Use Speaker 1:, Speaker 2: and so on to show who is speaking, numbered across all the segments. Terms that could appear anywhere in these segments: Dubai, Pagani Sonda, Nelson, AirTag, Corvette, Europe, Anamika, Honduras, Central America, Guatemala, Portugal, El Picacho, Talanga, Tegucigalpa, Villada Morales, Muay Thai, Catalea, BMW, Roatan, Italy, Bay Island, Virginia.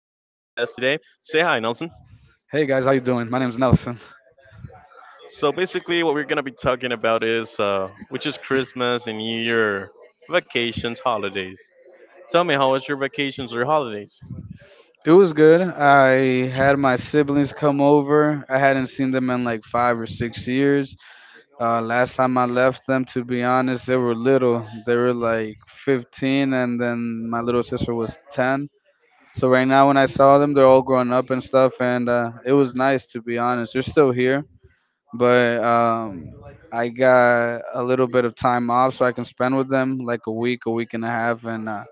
Speaker 1: Say hi, Nelson.
Speaker 2: Hey guys, how you doing? My name's Nelson.
Speaker 1: So, basically, what we're going to be talking about is which is Christmas and New Year vacations, holidays. Tell me, how was your vacations or holidays?
Speaker 2: It was good. I had my siblings come over. I hadn't seen them in like 5 or 6 years. Last time I left them, to be honest, they were little. They were like 15, and then my little sister was 10. So right now, when I saw them, they're all grown up and stuff, and it was nice to be honest. They're still here, but I got a little bit of time off so I can spend with them, like a week and a half, and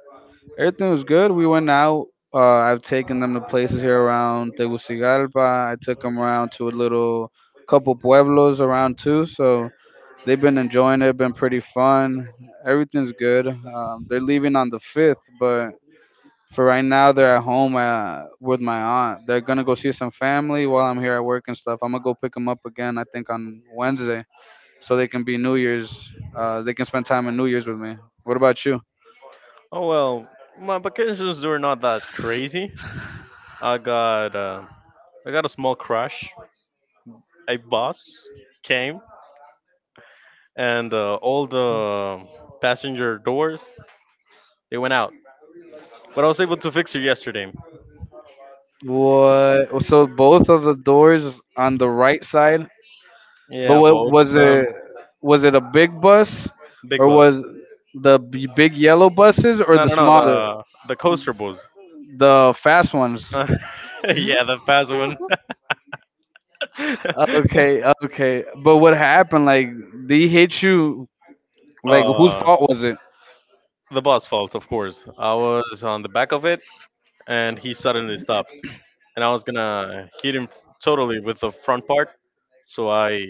Speaker 2: everything was good. We went out. I've taken them to places here around Tegucigalpa. I took them around to a little couple pueblos around too. So they've been enjoying it. Been pretty fun. Everything's good. They're leaving on the fifth, but for right now they're at home with my aunt. They're gonna go see some family while I'm here at work and stuff. I'm gonna go pick them up again. I think on Wednesday, so they can be New Year's. They can spend time in New Year's with me. What about you?
Speaker 1: Oh, well, my vacations were not that crazy. I got, uh, I got a small crash. A bus came, and all the passenger doors they went out. But I was able to fix it yesterday.
Speaker 2: What? So both of the doors on the right side. But
Speaker 1: Yeah,
Speaker 2: what
Speaker 1: both of
Speaker 2: was
Speaker 1: them.
Speaker 2: it? Was it a big bus,
Speaker 1: Big
Speaker 2: or
Speaker 1: buzz.
Speaker 2: was big yellow buses, or
Speaker 1: No,
Speaker 2: the
Speaker 1: no, no.
Speaker 2: smaller,
Speaker 1: The coaster buzz.
Speaker 2: the fast ones?
Speaker 1: Yeah, the fast one.
Speaker 2: Okay, okay. But what happened? Like they hit you. Like whose
Speaker 1: uh,
Speaker 2: fault was it?
Speaker 1: the boss fault, of course. I was on the back of it, and he suddenly stopped, and I was gonna hit him totally with the front part. So I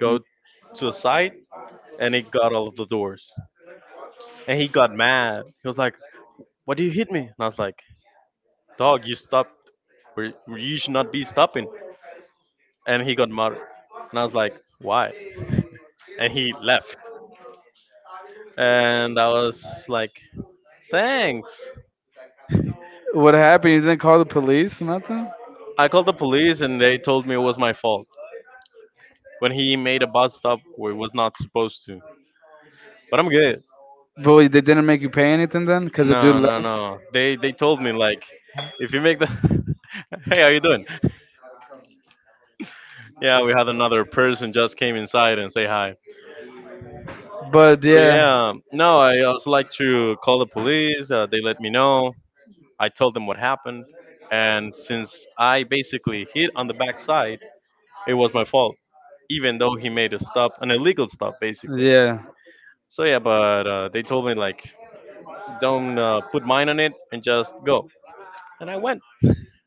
Speaker 1: go
Speaker 2: Mm,
Speaker 1: to the side, and he got all of the doors, and he got mad. He was like, "Why do you hit me?" And I was like, "Dog, you stopped. Where you should not be stopping." And he got mad. And I was like, why? And he left. And I was like, thanks.
Speaker 2: What happened? You didn't call the police? Nothing.
Speaker 1: I called the police and they told me it was my fault when he made a bus stop where he was not supposed to. But I'm good.
Speaker 2: But wait, they didn't make you pay anything then, because the dude
Speaker 1: No, no,
Speaker 2: left.
Speaker 1: no. They told me like, if you make the, hey, how you doing? Yeah, we had another person just came inside and say hi.
Speaker 2: But
Speaker 1: So
Speaker 2: yeah,
Speaker 1: yeah, no, I also like to call the police. They let me know, I told them what happened, and since I basically hit on the backside, it was my fault, even though he made a stop, an illegal stop, basically.
Speaker 2: yeah,
Speaker 1: So yeah, but they told me like, don't put mine on it and just go, and I went.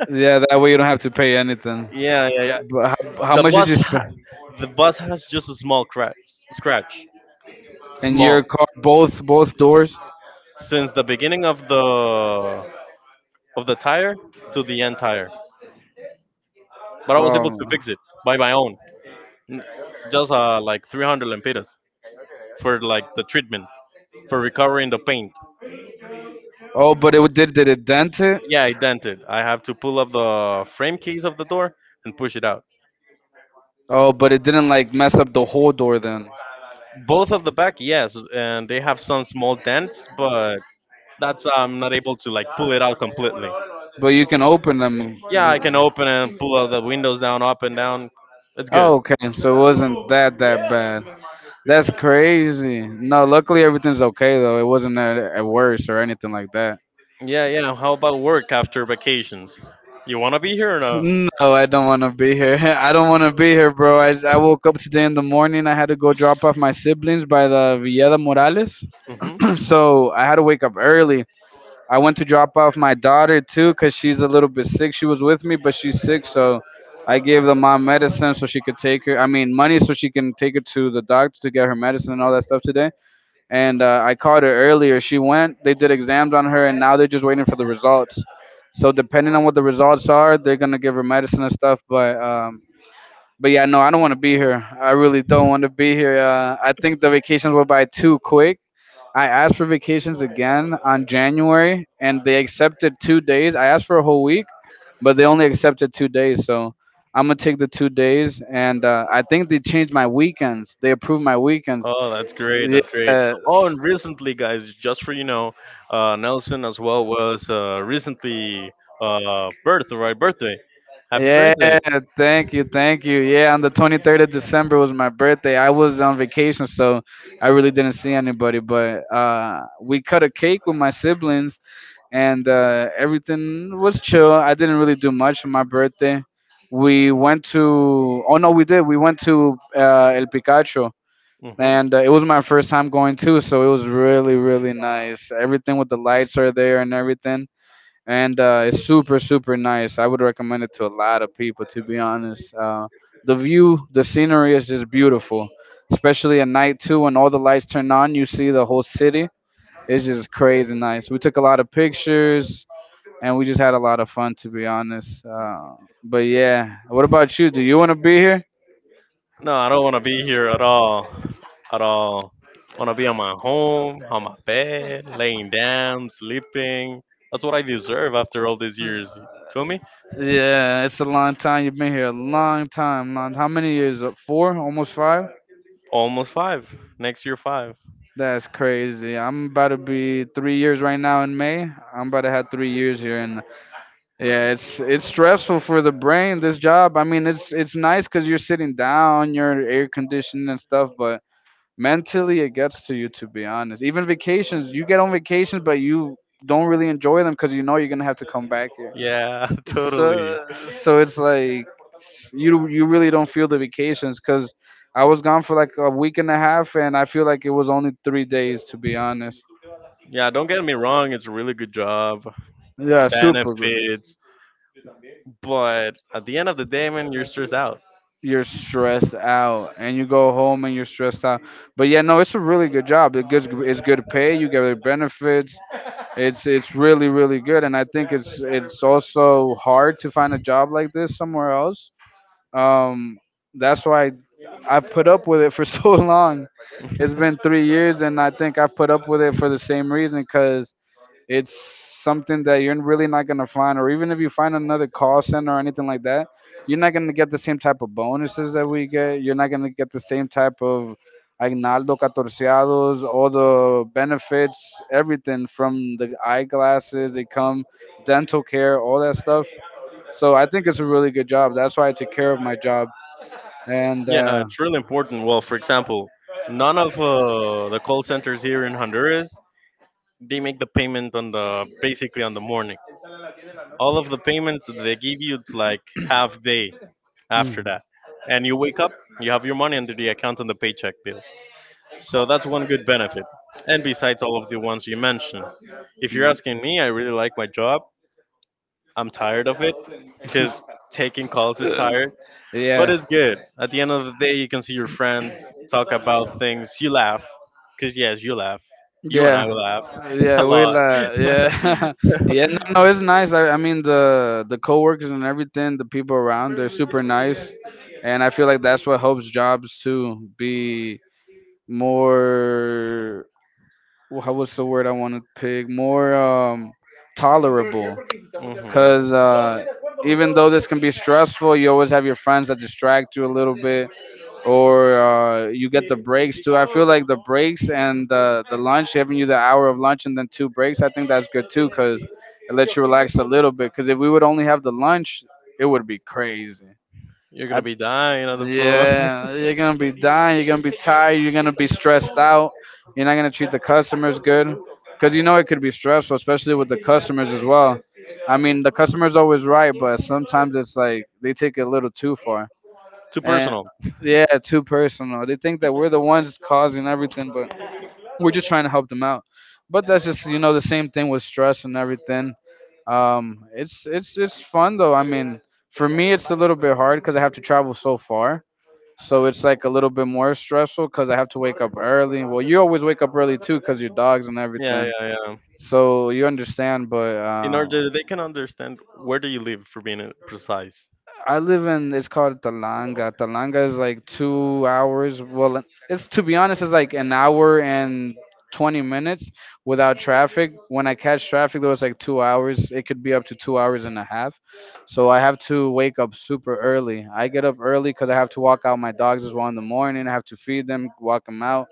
Speaker 2: yeah. That way you don't have to pay anything.
Speaker 1: Yeah, yeah, yeah.
Speaker 2: But how
Speaker 1: The
Speaker 2: much did
Speaker 1: bus,
Speaker 2: you spend?
Speaker 1: the bus has just a small crack, scratch,
Speaker 2: And
Speaker 1: small,
Speaker 2: your car, both doors.
Speaker 1: since the beginning of the tire to the end tire. But I was
Speaker 2: Um.
Speaker 1: able to fix it by my own, N- just like 300 lempiras for like the treatment, for recovering the paint.
Speaker 2: Oh, but it did it dent it?
Speaker 1: Yeah, it dented. I have to pull up the frame keys of the door and push it out.
Speaker 2: Oh, but it didn't like mess up the whole door then.
Speaker 1: Both of the back, yes, and they have some small dents, but that's I'm not able to like pull it out completely.
Speaker 2: But you can open them.
Speaker 1: Yeah, I can open and pull out the windows down, up and down. It's good.
Speaker 2: Okay, so it wasn't that bad. That's crazy. No, luckily everything's okay though. It wasn't at worse or anything like that.
Speaker 1: Yeah, yeah. How about work after vacations? You wanna be here or
Speaker 2: No, I don't want to be here. I don't want to be here, bro. I woke up today in the morning. I had to go drop off my siblings by the Villada Morales.
Speaker 1: not?
Speaker 2: So I had to wake up early. I went to drop off my daughter too because she's a little bit sick. She was with me, but she's sick. So I gave the mom medicine so she could take her, I mean, money so she can take her to the doctor to get her medicine and all that stuff today. And I called her earlier. She went, they did exams on her, and now they're just waiting for the results. So depending on what the results are, they're gonna give her medicine and stuff. But yeah, no, I don't want to be here. I really don't want to be here. I think the vacations went by too quick. I asked for vacations again on January, and they accepted 2 days. I asked for a whole week, but they only accepted 2 days. So I'm gonna take the 2 days, and I think they changed my weekends. They approved my weekends.
Speaker 1: Oh, that's great.
Speaker 2: Yeah,
Speaker 1: That's great. Oh, and recently, guys, just for Nelson as well was recently birth, right? Birthday. Happy
Speaker 2: yeah,
Speaker 1: birthday.
Speaker 2: thank you, thank you. Yeah, on the 23rd of December was my birthday. I was on vacation, so I really didn't see anybody. But we cut a cake with my siblings, and everything was chill. I didn't really do much for my birthday. We went to, oh no, we did. We went to El Picacho,
Speaker 1: Hmm.
Speaker 2: and it was my first time going too, so it was really, really nice. Everything with the lights are there and everything, and it's super nice. I would recommend it to a lot of people. To be honest, the view, the scenery is just beautiful, especially at night too when all the lights turn on. You see the whole city. It's just crazy nice. We took a lot of pictures and we just had a lot of fun. To be honest, but yeah. What about you? Do you want to be here?
Speaker 1: No, I don't want to be here at all. At all. Want to be on my home, on my bed, laying down, sleeping. That's what I deserve after all these years. Feel me?
Speaker 2: Yeah, it's a long time. You've been here a long time. Long, how many years? Four, almost five.
Speaker 1: Almost five. Next year, five.
Speaker 2: That's crazy. I'm about to be 3 years right now in May. I'm about to have 3 years here, and yeah, it's stressful for the brain. This job, I mean, it's nice because you're sitting down, you're air conditioned and stuff, but mentally it gets to you. To be honest, even vacations, you get on vacations, but you don't really enjoy them because you know you're gonna have to come back here.
Speaker 1: Yeah, totally.
Speaker 2: So it's like you really don't feel the vacations because I was gone for like a week and a half, and I feel like it was only 3 days to be honest.
Speaker 1: Yeah, don't get me wrong. It's a really good job.
Speaker 2: Yeah, super good.
Speaker 1: Benefits. But at the end of the day, man, you're stressed out.
Speaker 2: You're stressed out, and you go home and you're stressed out. But yeah, no, it's a really good job. It gets it's good pay. You get the benefits. It's really good, and I think it's also hard to find a job like this somewhere else. Um, that's why I put up with it for so long. It's been 3 years, and I think I put up with it for the same reason because it's something that you're really not gonna find, or even if you find another call center or anything like that, you're not gonna get the same type of bonuses that we get. You're not gonna get the same type of aguinaldo, catorceados, all the benefits, everything from the eyeglasses. They come, dental care, all that stuff. So I think it's a really good job. That's why I take care of my job, and
Speaker 1: Yeah, it's really important. Well, for example, none of the call centers here in Honduras they make the payment on the basically on the morning. All of the payments that they give you, it's like half day after
Speaker 2: mhm.
Speaker 1: that, and you wake up, you have your money under the account on the paycheck bill. So that's one good benefit. And besides all of the ones you mentioned, if you're asking me, I really like my job. I'm tired of it because taking calls is
Speaker 2: Uh,
Speaker 1: tired. But
Speaker 2: yeah.
Speaker 1: it's good. At the end of the day, you can see your friends talk about things. You laugh. Because, yes, you laugh. You and I
Speaker 2: Yeah,
Speaker 1: laugh
Speaker 2: yeah,
Speaker 1: a lot.
Speaker 2: yeah, yeah. No, no, it's nice. I mean, the coworkers and everything, the people around, they're super nice, and I feel like that's what helps jobs to be more. How was the word I want to pick? More tolerable.
Speaker 1: Hmm.
Speaker 2: Because even though this can be stressful, you always have your friends that distract you a little bit, or you get the breaks too. I feel like the breaks and the lunch, having you the hour of lunch and then two breaks, I think that's good too, because it lets you relax a little bit. Because if we would only have the lunch, it would be crazy.
Speaker 1: You're going
Speaker 2: I
Speaker 1: to be dying on the floor.
Speaker 2: yeah, you're gonna be dying. You're gonna be tired. You're gonna be stressed out. You're not gonna treat the customers good, because you know it could be stressful, especially with the customers as well. I mean, the customer's always right, but sometimes it's like they take it a little too far,
Speaker 1: Too
Speaker 2: and
Speaker 1: personal.
Speaker 2: yeah, too personal. They think that we're the ones causing everything, but we're just trying to help them out. But that's just you know the same thing with stress and everything. It's fun though. I mean, for me, it's a little bit hard because I have to travel so far, so it's like a little bit more stressful because I have to wake up early. Well, you always wake up early too because your dogs and
Speaker 1: Yeah,
Speaker 2: everything.
Speaker 1: yeah, yeah.
Speaker 2: So you understand, but
Speaker 1: In order that they can understand where do you live for being precise.
Speaker 2: I live in, it's called Talanga. Talanga is like 2 hours. Well, it's to be honest, it's like an hour and 20 minutes without traffic. When I catch traffic, though, it's like 2 hours. It could be up to 2 hours and a half. So I have to wake up super early. I get up early because I have to walk out my dogs as well in the morning. I have to feed them, walk them out.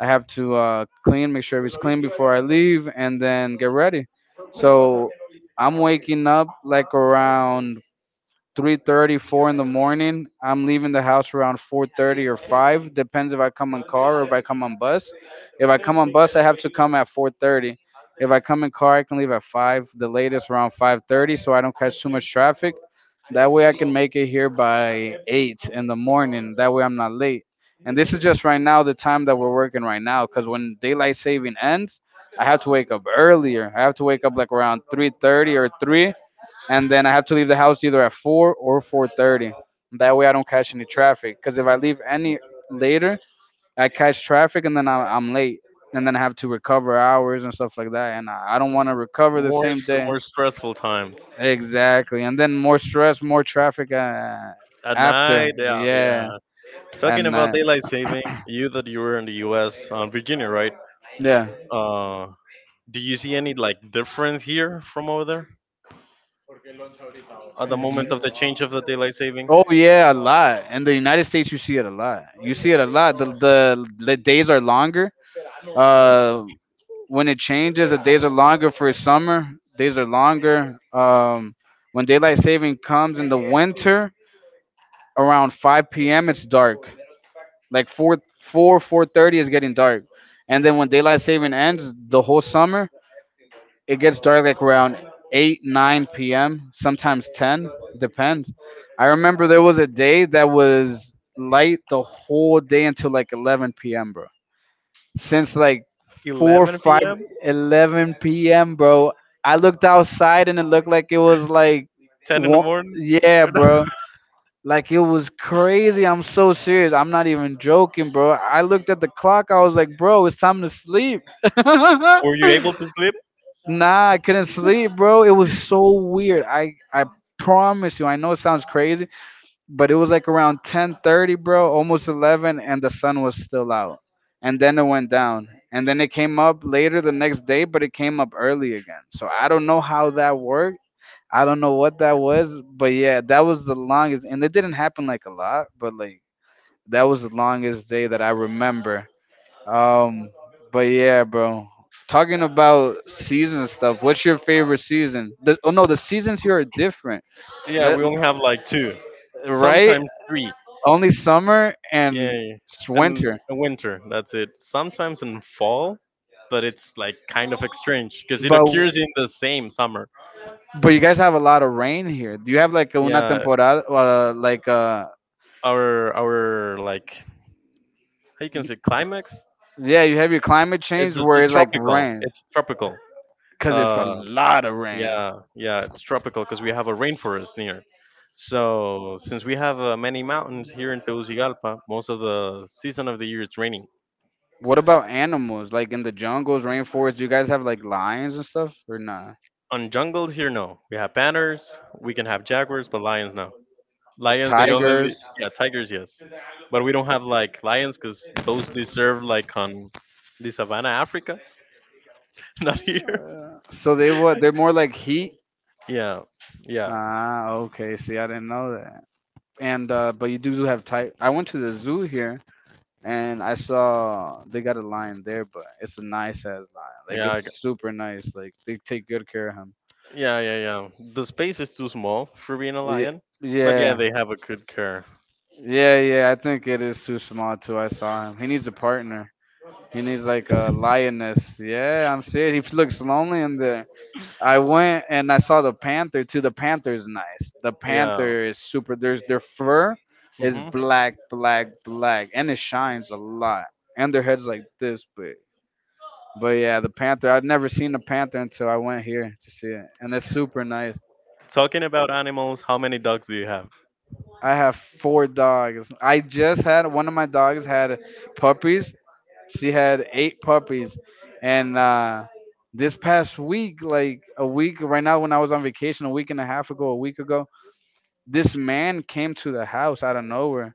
Speaker 2: I have to clean, make sure it's clean before I leave, and then get ready. So I'm waking up like around 3:30, 4 in the morning. I'm leaving the house around 4:30 or 5, depends if I come in car or if I come on bus. If I come on bus, I have to come at 4:30. If I come in car, I can leave at 5, the latest around 5:30 so I don't catch too much traffic. That way I can make it here by 8 in the morning. That way I'm not late. And this is just right now the time that we're working right now cuz when daylight saving ends, I have to wake up earlier. I have to wake up like around 3:30 or 3, and then I have to leave the house either at 4 or 4:30. That way I don't catch any traffic. Because if I leave any later, I catch traffic and then I'm late, and then I have to recover hours and stuff like that. And I don't want to recover the
Speaker 1: More
Speaker 2: same day.
Speaker 1: more stressful times
Speaker 2: Exactly, and then more stress, more traffic
Speaker 1: at
Speaker 2: after.
Speaker 1: night. Yeah,
Speaker 2: Yeah,
Speaker 1: yeah. Talking
Speaker 2: and
Speaker 1: about daylight saving, you that you were in the U.S. on Virginia, right?
Speaker 2: yeah.
Speaker 1: Uh, Do you see any like difference here from over there at the
Speaker 2: Ye-
Speaker 1: moment of the change of the daylight saving?
Speaker 2: Oh yeah, a lot. In the United States, you see it a lot. You see it a lot. The the, days are longer. Uh, when it changes, the days are longer for summer. Days are longer. When daylight saving comes in the winter, around 5 p.m., it's dark. Like 4:30 is getting dark. And then when daylight saving ends, the whole summer, it gets dark like around 8, 9 p.m., sometimes 10, depends. I remember there was a day that was light the whole day until like 11 p.m., bro, since like 4
Speaker 1: 11
Speaker 2: 5,
Speaker 1: p.m.,
Speaker 2: 11 p.m., bro. I looked outside, and it looked like it was like
Speaker 1: 10 in the
Speaker 2: one.
Speaker 1: morning.
Speaker 2: Yeah, bro, like it was crazy. I'm so serious, I'm not even joking, bro. I looked at the clock. I was like, bro, it's time to sleep.
Speaker 1: Were you able to sleep?
Speaker 2: Nah, I couldn't sleep, bro. It was so weird. I promise you, I know it sounds crazy, but it was like around 10:30, bro, almost 11, and the sun was still out. And then it went down. And then it came up later the next day, but it came up early again. So I don't know how that worked. I don't know what that was, but yeah, that was the longest, and it didn't happen like a lot, but like that was the longest day that I remember. Um but yeah, bro. Talking about season stuff, what's your favorite season? Oh no, the seasons here are different.
Speaker 1: Yeah,
Speaker 2: Let,
Speaker 1: we only have like two,
Speaker 2: right?
Speaker 1: sometimes three.
Speaker 2: Only summer
Speaker 1: Yeah,
Speaker 2: and
Speaker 1: yeah. And
Speaker 2: winter.
Speaker 1: in winter. That's it. Sometimes in fall, but it's like kind of strange because it
Speaker 2: But
Speaker 1: occurs in the same summer.
Speaker 2: but you guys have a lot of rain here. Do you have like una
Speaker 1: Yeah,
Speaker 2: temporada, like
Speaker 1: our like how you can say climax.
Speaker 2: yeah, you have your climate
Speaker 1: It's
Speaker 2: change
Speaker 1: it's a
Speaker 2: where it's like
Speaker 1: tropical.
Speaker 2: rain,
Speaker 1: It's tropical.
Speaker 2: cause it's a
Speaker 1: Uh,
Speaker 2: lot of rain.
Speaker 1: Yeah, yeah, it's tropical because we have a rainforest near. So since we have many mountains here in Tegucigalpa, most of the season of the year it's raining.
Speaker 2: What about animals, like in the jungles, rainforests? Do you guys have like lions and stuff or not?
Speaker 1: On jungles here, no. We have panthers, we can have jaguars, but lions, no.
Speaker 2: Or
Speaker 1: Lions, they only,
Speaker 2: tigers?
Speaker 1: yeah, tigers, yes. But we don't have like lions because those deserve like on the savannah, Africa, not here.
Speaker 2: So they what? They're more like heat.
Speaker 1: Yeah, yeah,
Speaker 2: Ah, okay. See, I didn't know that. And But you do have tight. I went to the zoo here, and I saw they got a lion there, but it's a nice ass lion. Like
Speaker 1: yeah,
Speaker 2: it's super nice. Like they take good care of him.
Speaker 1: yeah, yeah, yeah. The space is too small for being a
Speaker 2: Yeah,
Speaker 1: lion, but yeah,
Speaker 2: yeah,
Speaker 1: they have a good care.
Speaker 2: yeah, yeah. I think it is too small too. I saw him. He needs a partner. He needs like a lioness. Yeah, I'm serious. He looks lonely in there. I went and I saw the panther too. The panther is nice. The
Speaker 1: Yeah.
Speaker 2: panther is super. There's Their fur is
Speaker 1: Hmm.
Speaker 2: black, black, black, and it shines a lot. And their heads like this, but yeah, the Panther. I've never seen the Panther until I went here to see it, and it's super nice.
Speaker 1: Talking about animals, how many dogs do you have?
Speaker 2: I have four dogs. I just had one of my dogs had puppies. She had eight puppies, and this past week, like a week right now, when I was on vacation, a week and a half ago, a week ago, this man came to the house out of nowhere.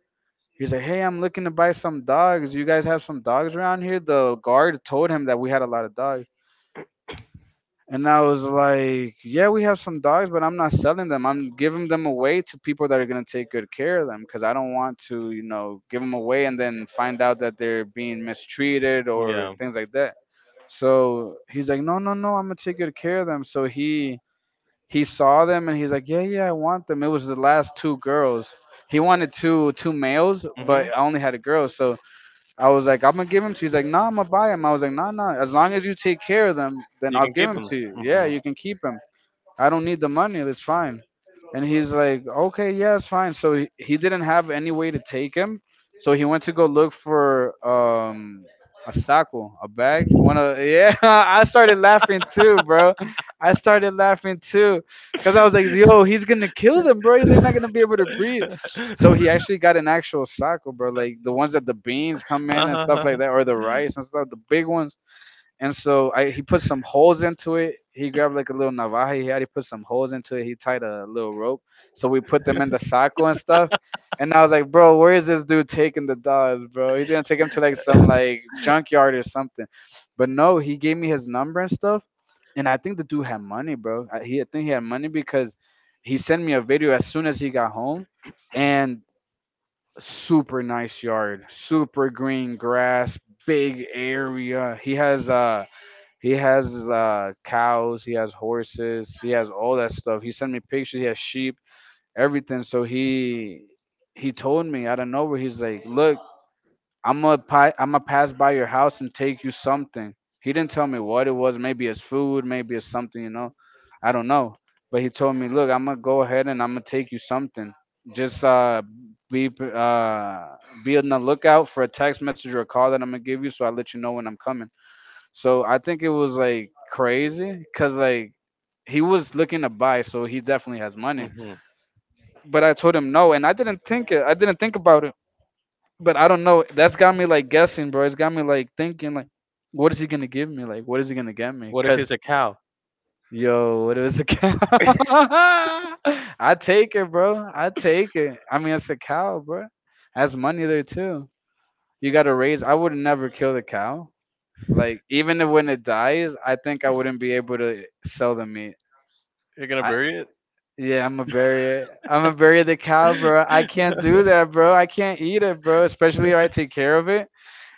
Speaker 2: He's like, "Hey, I'm looking to buy some dogs. You guys have some dogs around here?" The guard told him that we had a lot of dogs. And I was like, yeah, we have some dogs, but I'm not selling them. I'm giving them away to people that are going to take good care of them because I don't want to, you know, give them away and then find out that they're being mistreated or
Speaker 1: Yeah.
Speaker 2: things like that. So he's like, no, no, no, I'm going to take good care of them. So he saw them, and he's like, yeah, yeah, I want them. It was the last two girls. He wanted two males, but
Speaker 1: Hmm.
Speaker 2: I only had a girl. So I was like, I'm gonna give them to you. He's like, nah, I'm gonna buy them. I was like, nah, nah. As long as you take care of them, then
Speaker 1: You
Speaker 2: I'll
Speaker 1: can
Speaker 2: give
Speaker 1: keep
Speaker 2: them
Speaker 1: them.
Speaker 2: to you. Yeah,
Speaker 1: Hmm.
Speaker 2: you can keep them. I don't need the money. It's fine. And he's like, okay, yeah, it's fine. So he didn't have any way to take him. So he went to go look for a saco, a bag. One of Yeah, I started laughing too, bro. I started laughing too, cause I was like, yo, he's gonna kill them, bro. They're not gonna be able to breathe. So he actually got an actual saco, bro, like the ones that the beans come in and stuff like that, or the rice and stuff, the big ones. And so I, he put some holes into it. He grabbed like a little navaja he had. He put some holes into it. He tied a little rope. So we put them in the saco and stuff. And I was like, bro, where is this dude taking the dogs, bro? He's gonna take him to like some like junkyard or something. But no, he gave me his number and stuff. And I think the dude had money, bro. I, he, I think he had money because he sent me a video as soon as he got home. And super nice yard, super green grass, big area. He has cows, he has horses, he has all that stuff. He sent me pictures. He has sheep, everything. So he told me out of nowhere. He's like, "Look, I'm gonna pass by your house and take you something." He didn't tell me what it was. Maybe it's food. Maybe it's something. You know, I don't know. But he told me, "Look, I'm gonna go ahead and I'm gonna take you something. Just uh, be uh, be on the lookout for a text message or a call that I'm gonna give you, so I let you know when I'm coming." So I think it was like crazy because like he was looking to buy, so he definitely has money.
Speaker 1: Hmm.
Speaker 2: But I told him no, and I didn't think it. I didn't think about it. But I don't know. That's got me like guessing, bro. It's got me like thinking like, what is he gonna give me? Like, what is he gonna get me?
Speaker 1: What if it's
Speaker 2: Cause
Speaker 1: a cow?
Speaker 2: yo, what is a cow? I take it, bro. I take it. I mean, it's a cow, bro. Has money there too. You gotta raise. I would never kill the cow. Like even if when it dies, I think I wouldn't be able to sell the meat.
Speaker 1: You're gonna
Speaker 2: I
Speaker 1: bury it?
Speaker 2: yeah, I'm gonna bury it. I'm gonna bury the cow, bro. I can't do that, bro. I can't eat it, bro. Especially if I take care of it.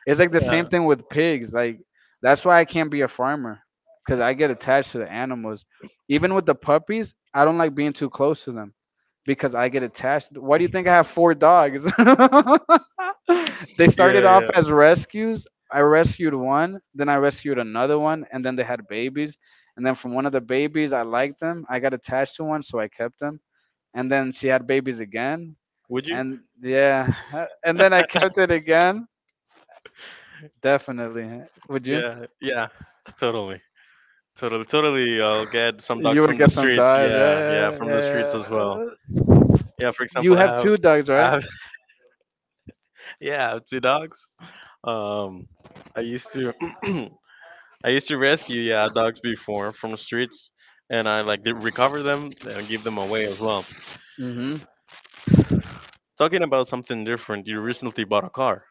Speaker 2: It's like the same
Speaker 1: Yeah.
Speaker 2: thing with pigs. Like that's why I can't be a farmer because I get attached to the animals. Even with the puppies, I don't like being too close to them because I get attached. Why do you think I have four dogs? They started
Speaker 1: Yeah.
Speaker 2: off
Speaker 1: Yeah.
Speaker 2: as rescues. I rescued one, then I rescued another one, and then they had babies. And then from one of the babies, I liked them. I got attached to one, so I kept them. And then she had babies again.
Speaker 1: Would you?
Speaker 2: And yeah, and then I kept it again. Definitely. Would you?
Speaker 1: Yeah. Yeah. Totally. Totally. Totally. I'll get some
Speaker 2: You
Speaker 1: dogs
Speaker 2: would
Speaker 1: from the
Speaker 2: get some
Speaker 1: streets.
Speaker 2: dogs.
Speaker 1: Yeah. Yeah.
Speaker 2: Yeah,
Speaker 1: From the streets
Speaker 2: yeah.
Speaker 1: as well. Yeah. For
Speaker 2: You
Speaker 1: example, I
Speaker 2: have
Speaker 1: have.
Speaker 2: two dogs,
Speaker 1: I
Speaker 2: right?
Speaker 1: have. Yeah. I have two dogs. Um, I used to I used to rescue yeah dogs before from the streets, and I like did recover them and give them away as well.
Speaker 2: Mm-hmm.
Speaker 1: Talking about something different, you recently bought a car.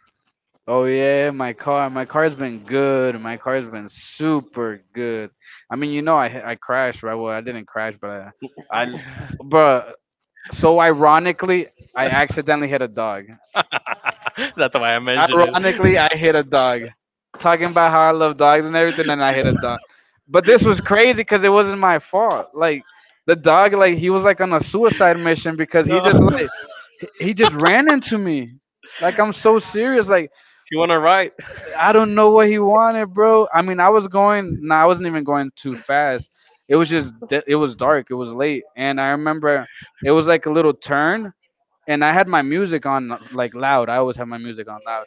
Speaker 2: Oh yeah, my car. My car's been good. My car's been super good. I mean, I crashed, right? Well, I didn't crash. but I, I, but so ironically, I accidentally hit a dog.
Speaker 1: That's why I mentioned it.
Speaker 2: Ironically, I hit a dog. Talking about how I love dogs and everything, and I hit a dog. But this was crazy because it wasn't my fault. Like the dog, like he was like on a suicide mission because he
Speaker 1: No,
Speaker 2: just like he just ran into me. Like I'm so serious. Like
Speaker 1: he wanted a ride.
Speaker 2: I don't know what he wanted, bro. I mean, I was going. No, nah, I wasn't even going too fast. It was dark. It was late, and I remember it was like a little turn, and I had my music on like loud. I always have my music on loud,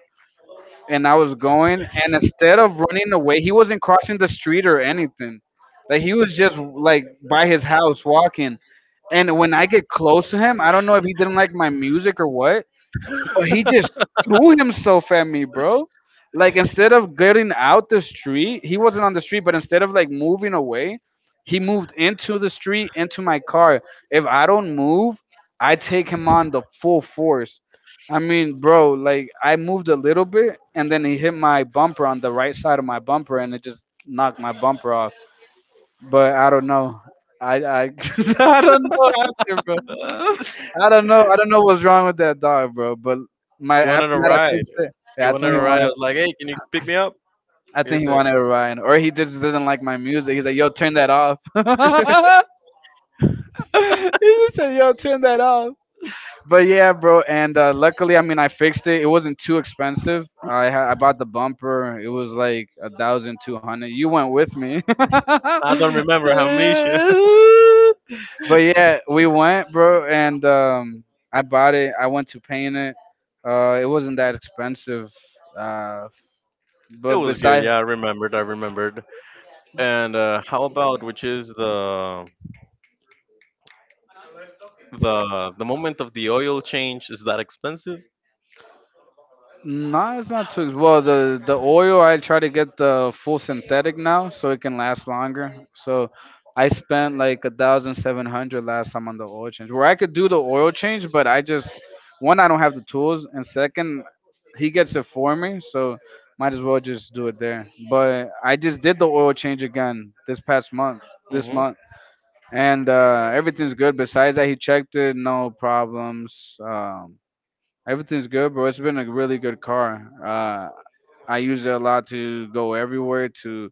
Speaker 2: and I was going, and instead of running away, he wasn't crossing the street or anything. Like he was just like by his house walking. And when I get close to him, I don't know if he didn't like my music or what, but he just threw himself at me, bro. Like instead of getting out the street, he wasn't on the street, but instead of like moving away, he moved into the street, into my car. If I don't move, I take him on the full force. I mean, bro, like I moved a little bit and then he hit my bumper on the right side of my bumper and it just knocked my bumper off but I don't know. I I don't know after, bro. I don't know. I don't know what's wrong with that dog, bro. But my
Speaker 1: He wanted
Speaker 2: after
Speaker 1: a
Speaker 2: that, I
Speaker 1: ride.
Speaker 2: fixed it.
Speaker 1: He
Speaker 2: Yeah, I
Speaker 1: wanted
Speaker 2: think
Speaker 1: a
Speaker 2: he
Speaker 1: ride. I
Speaker 2: wanted.
Speaker 1: was like, hey, can you pick me up?
Speaker 2: I
Speaker 1: He
Speaker 2: think he
Speaker 1: said,
Speaker 2: wanted to ride, or he just didn't like my music. He's like, "Yo, turn that off." He just said, "Yo, turn that off." But yeah, bro, and luckily, I mean, I fixed it. It wasn't too expensive. I bought the bumper. It was like 1,200. You went with me. But
Speaker 1: I don't remember amnesia.
Speaker 2: yeah, we went, bro, and I bought it. I went to paint it. It wasn't that expensive. Uh,
Speaker 1: It
Speaker 2: but
Speaker 1: was good.
Speaker 2: besides,
Speaker 1: Yeah, I remembered. I remembered. And how about, which is the moment of the oil change, is that expensive?
Speaker 2: no, it's not too well. The oil, I try to get the full synthetic now, so it can last longer. So I spent like 1,700 last time on the oil change, where I could do the oil change, but I just, one, I don't have the tools, and second, he gets it for me, so might as well just do it there. But I just did the oil change again this past month, this
Speaker 1: Hmm.
Speaker 2: month, and everything's good. Besides that, he checked it, no problems. Everything's good, bro. It's been a really good car. I use it a lot to go everywhere, to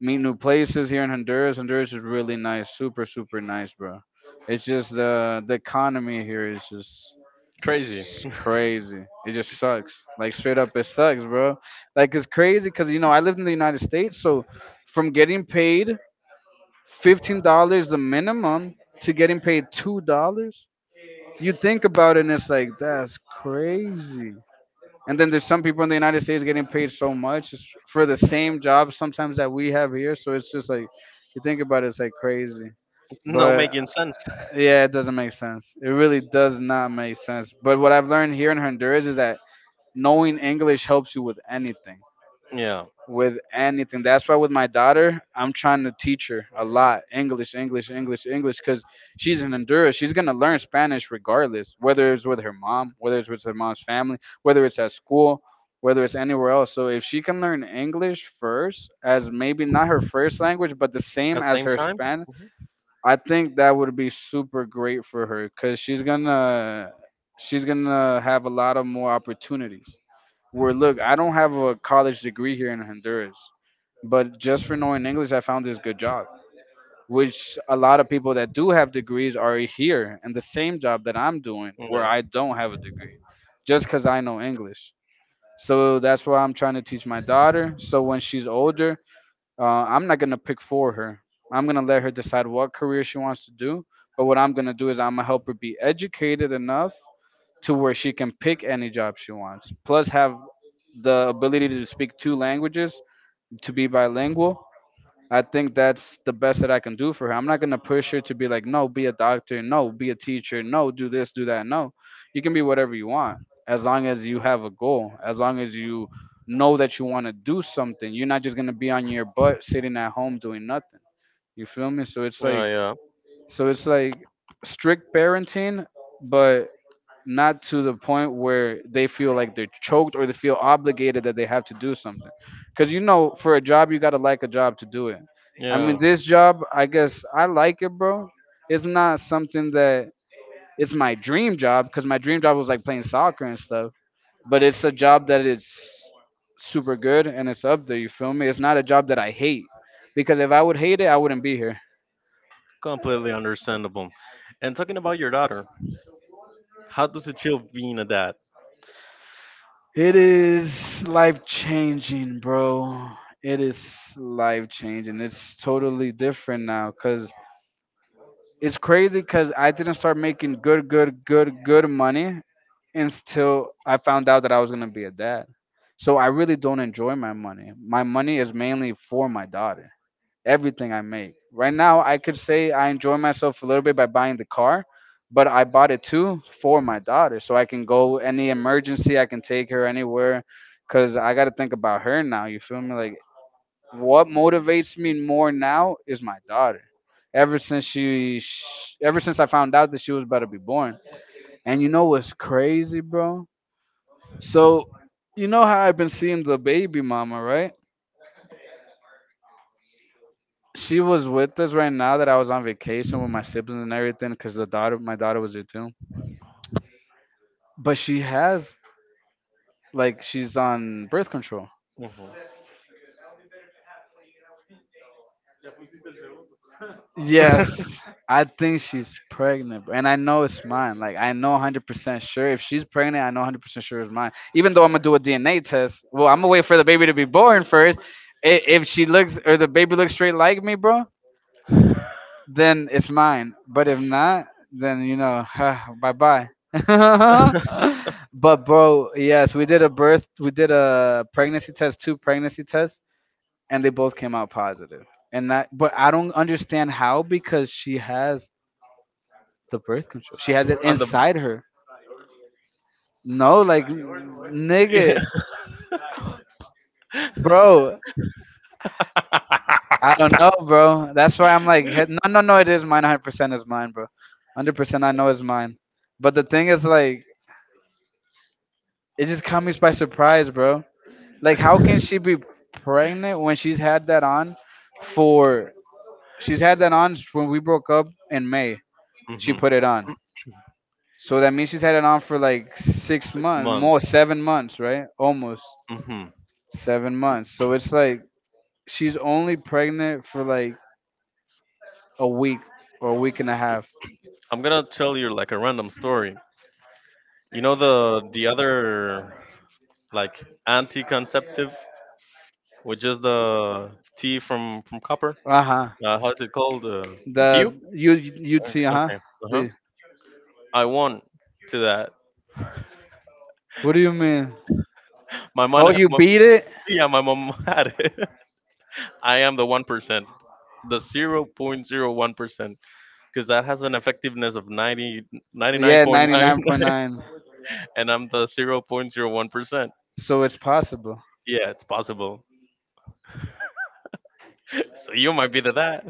Speaker 2: meet new places here in Honduras. Honduras is really nice, super, super nice, bro. It's just the economy here is just,
Speaker 1: Crazy.
Speaker 2: it's crazy. It just sucks. Like straight up, it sucks, bro. Like it's crazy because you know I lived in the United States, so from getting paid $15 the minimum to getting paid $2. You think about it, and it's like that's crazy. And then there's some people in the United States getting paid so much just for the same job sometimes that we have here. So it's just like you think about it, it's like crazy.
Speaker 1: No
Speaker 2: But
Speaker 1: making sense.
Speaker 2: yeah, it doesn't make sense. It really does not make sense. But what I've learned here in Honduras is that knowing English helps you with anything,
Speaker 1: Yeah.
Speaker 2: with anything. That's why with my daughter, I'm trying to teach her a lot English, English, English, English, because she's an Honduras. She's gonna learn Spanish regardless, whether it's with her mom, whether it's with her mom's family, whether it's at school, whether it's anywhere else. So if she can learn English first, as maybe not her first language, but the same
Speaker 1: At the
Speaker 2: as
Speaker 1: same
Speaker 2: her
Speaker 1: time?
Speaker 2: Spanish,
Speaker 1: Hmm.
Speaker 2: I think that would be super great for her, because she's gonna have a lot of more opportunities where look, I don't have a college degree here in Honduras, but just for knowing English, I found this good job, which a lot of people that do have degrees are here in the same job that I'm doing where
Speaker 1: Yeah.
Speaker 2: I don't have a degree just because I know English. So that's why I'm trying to teach my daughter. So when she's older, uh, I'm not going to pick for her. I'm going to let her decide what career she wants to do. But what I'm going to do is I'm going to help her be educated enough to where she can pick any job she wants plus have the ability to speak two languages, to be bilingual. I think that's the best that I can do for her. I'm not going to push her to be like, no, be a doctor, no, be a teacher, no, do this, do that. No, you can be whatever you want, as long as you have a goal, as long as you know that you want to do something. You're not just going to be on your butt sitting at home doing nothing. You feel me? So it's
Speaker 1: Yeah,
Speaker 2: like,
Speaker 1: yeah.
Speaker 2: so it's like strict parenting, but not to the point where they feel like they're choked or they feel obligated that they have to do something. Because you know, for a job, you gotta like a job to do it. I mean,
Speaker 1: Yeah.
Speaker 2: this job, I guess I like it, bro. It's not something that, it's my dream job because my dream job was like playing soccer and stuff. But it's a job that is super good and it's up there. You feel me? It's not a job that I hate, because if I would hate it, I wouldn't be here.
Speaker 1: Completely understandable. And talking about your daughter, how does it feel being a dad?
Speaker 2: It is life changing, bro. It is life changing. It's totally different now because it's crazy because I didn't start making good, good, good, good money until I found out that I was going to be a dad. So I really don't enjoy my money. My money is mainly for my daughter, everything I make. Right now, I could say I enjoy myself a little bit by buying the car, but I bought it too for my daughter, so I can go any emergency, I can take her anywhere, cause I got to think about her now. You feel me? Like what motivates me more now is my daughter. Ever since she, sh ever since I found out that she was about to be born, and you know what's crazy, bro? So you know how I've been seeing the baby mama, right? She was with us right now that I was on vacation with my siblings and everything because the daughter, my daughter was there too. But she has, like, she's on birth control. Yes, I think she's pregnant, and I know it's mine. Like I know 100% sure if she's pregnant, I know 100% sure it's mine. Even though I'm gonna do a DNA test. Well, I'm gonna wait for the baby to be born first. If she looks or the baby looks straight like me, bro,
Speaker 1: Hmm.
Speaker 2: then it's mine. But if not, then you know, bye bye. But bro, yes, we did a birth, we did a pregnancy test, two pregnancy tests, and they both came out positive. And that, but I don't understand how because she has the birth control. She has it
Speaker 1: On the
Speaker 2: inside her. No, like
Speaker 1: yeah.
Speaker 2: nigga, bro. I don't know, bro. That's why I'm like, no, no, no. It is mine. 100% is mine, bro. 100% I know is mine. But the thing is, like, it just caught me by surprise, bro. Like, how can she be pregnant when she's had that on for? She's had that on when we broke up in May. She
Speaker 1: Hmm.
Speaker 2: put it on, so that means she's had it on for like six
Speaker 1: Six
Speaker 2: months,
Speaker 1: months.
Speaker 2: more 7 months, right? Almost
Speaker 1: Hmm.
Speaker 2: 7 months. So it's like she's only pregnant for like a week or a week and a half.
Speaker 1: I'm gonna tell you like a random story. You know, the other like anti-conceptive, which is the tea from copper.
Speaker 2: Uh huh.
Speaker 1: How's it called?
Speaker 2: The
Speaker 1: Dew?
Speaker 2: U UT. Uh huh.
Speaker 1: Okay. Uh huh.
Speaker 2: The,
Speaker 1: I won to that.
Speaker 2: what do you mean?
Speaker 1: My mom.
Speaker 2: Oh, you beat it?
Speaker 1: Yeah, my mom had it. I am the 1%. The 0.01% because that has an effectiveness of 90
Speaker 2: Yeah, ninety
Speaker 1: 99.9
Speaker 2: nine point nine.
Speaker 1: and I'm the 0.01%.
Speaker 2: So it's possible.
Speaker 1: Yeah, it's possible. So you might be the that.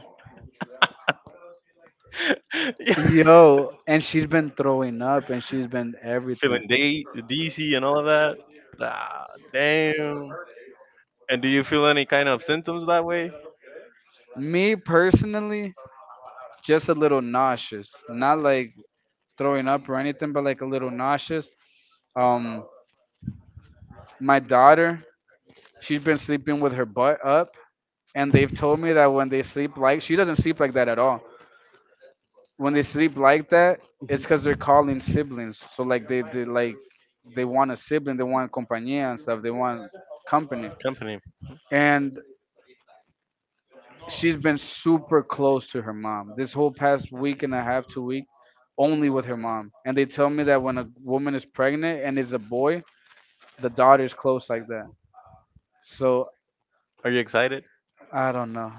Speaker 1: Yeah.
Speaker 2: Yo, and she's been throwing up and she's been everything.
Speaker 1: Feeling DC and all of that. Ah, damn. And do you feel any kind of symptoms that way?
Speaker 2: Me personally, just a little nauseous. Not like throwing up or anything, but like a little nauseous. Um my daughter, she's been sleeping with her butt up and they've told me that when they sleep like she doesn't sleep like that at all. When they sleep like that, it's cuz
Speaker 1: Mhm.
Speaker 2: they're calling siblings. So like they like they want a sibling, they want compañía and stuff. They want company.
Speaker 1: Company.
Speaker 2: And she's been super close to her mom this whole past week and a half, 2 week, only with her mom. And they tell me that when a woman is pregnant and is a boy, the daughter's close like that. So
Speaker 1: Are you excited?
Speaker 2: I don't know.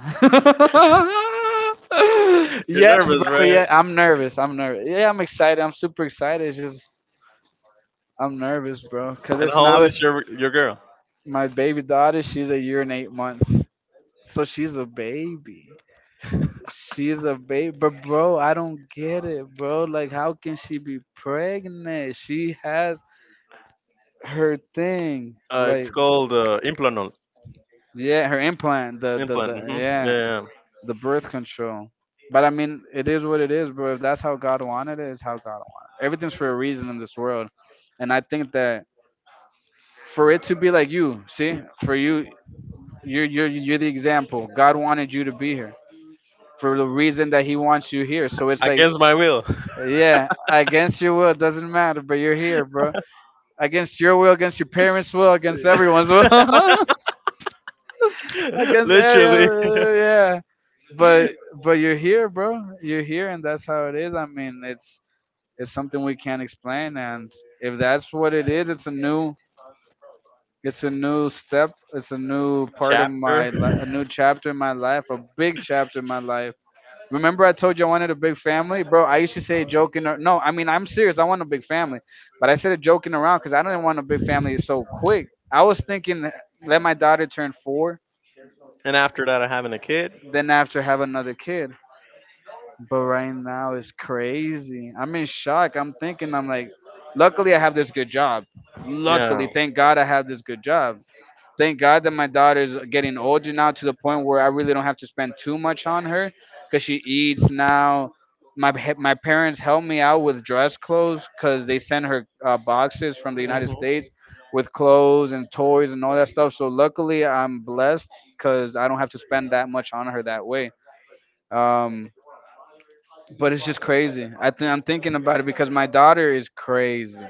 Speaker 1: You're
Speaker 2: Yes,
Speaker 1: nervous,
Speaker 2: bro.
Speaker 1: right?
Speaker 2: Yeah, I'm nervous. I'm nervous. Yeah, I'm excited. I'm super excited. It's just I'm nervous, bro, because
Speaker 1: And
Speaker 2: it's
Speaker 1: how
Speaker 2: now
Speaker 1: old is
Speaker 2: it's
Speaker 1: your girl?
Speaker 2: my baby daughter. She's a year and 8 months, so she's a baby. She's a baby, but bro, I don't get it, bro. Like, how can she be pregnant? She has her thing,
Speaker 1: Uh,
Speaker 2: like,
Speaker 1: it's called implanol.
Speaker 2: yeah, her implant, the the
Speaker 1: Implant.
Speaker 2: the
Speaker 1: Hmm. Yeah.
Speaker 2: yeah,
Speaker 1: Yeah.
Speaker 2: the birth control. But I mean, it is what it is, bro. If that's how God wanted it, is how God wanted. It. Everything's for a reason in this world, and I think that for it to be like you, see, for you, you're the example. God wanted you to be here for the reason that He wants you here. So it's like,
Speaker 1: Against my will.
Speaker 2: yeah, against your will, doesn't matter, but you're here, bro. Against your will, against your parents' will, against everyone's will, against
Speaker 1: Literally.
Speaker 2: everyone, yeah. But but you're here, bro. You're here, and that's how it is. I mean, it's something we can't explain, and if that's what it is, it's a new, it's a new step. It's a new part of
Speaker 1: Chapter.
Speaker 2: my life, a new chapter in my life, a big chapter in my life. Remember, I told you I wanted a big family, bro. I used to say it joking. Or, no, I mean I'm serious. I want a big family, but I said it joking around because I didn't want a big family so quick. I was thinking let my daughter turn four,
Speaker 1: And after that, I'm having a kid.
Speaker 2: then after have another kid. But right now it's crazy. I'm in shock. I'm thinking I'm like, luckily I have this good job. Luckily,
Speaker 1: Yeah.
Speaker 2: thank God I have this good job. Thank God that my daughter's getting older now to the point where I really don't have to spend too much on her because she eats now. My parents help me out with dress clothes because they send her boxes from the United
Speaker 1: Hmm.
Speaker 2: States with clothes and toys and all that stuff. So luckily, I'm blessed because I don't have to spend that much on her that way. Um, but it's just crazy. I think I'm thinking about it because my daughter is crazy.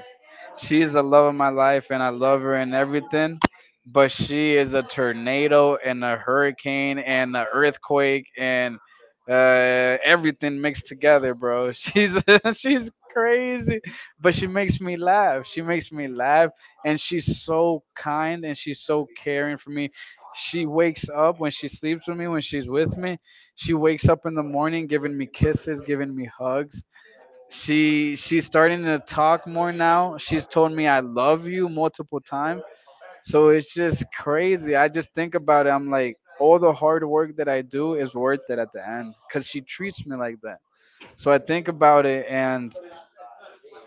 Speaker 2: She is the love of my life, and I love her and everything. But she is a tornado and a hurricane and an earthquake and everything mixed together, bro. She's she's crazy, but she makes me laugh. She makes me laugh, and she's so kind and she's so caring for me. She wakes up when she sleeps with me. When she's with me, she wakes up in the morning giving me kisses, giving me hugs. She's starting to talk more now. She's told me I love you multiple times. So it's just crazy. I just think about it. I'm like, all the hard work that I do is worth it at the end because she treats me like that. So I think about it, and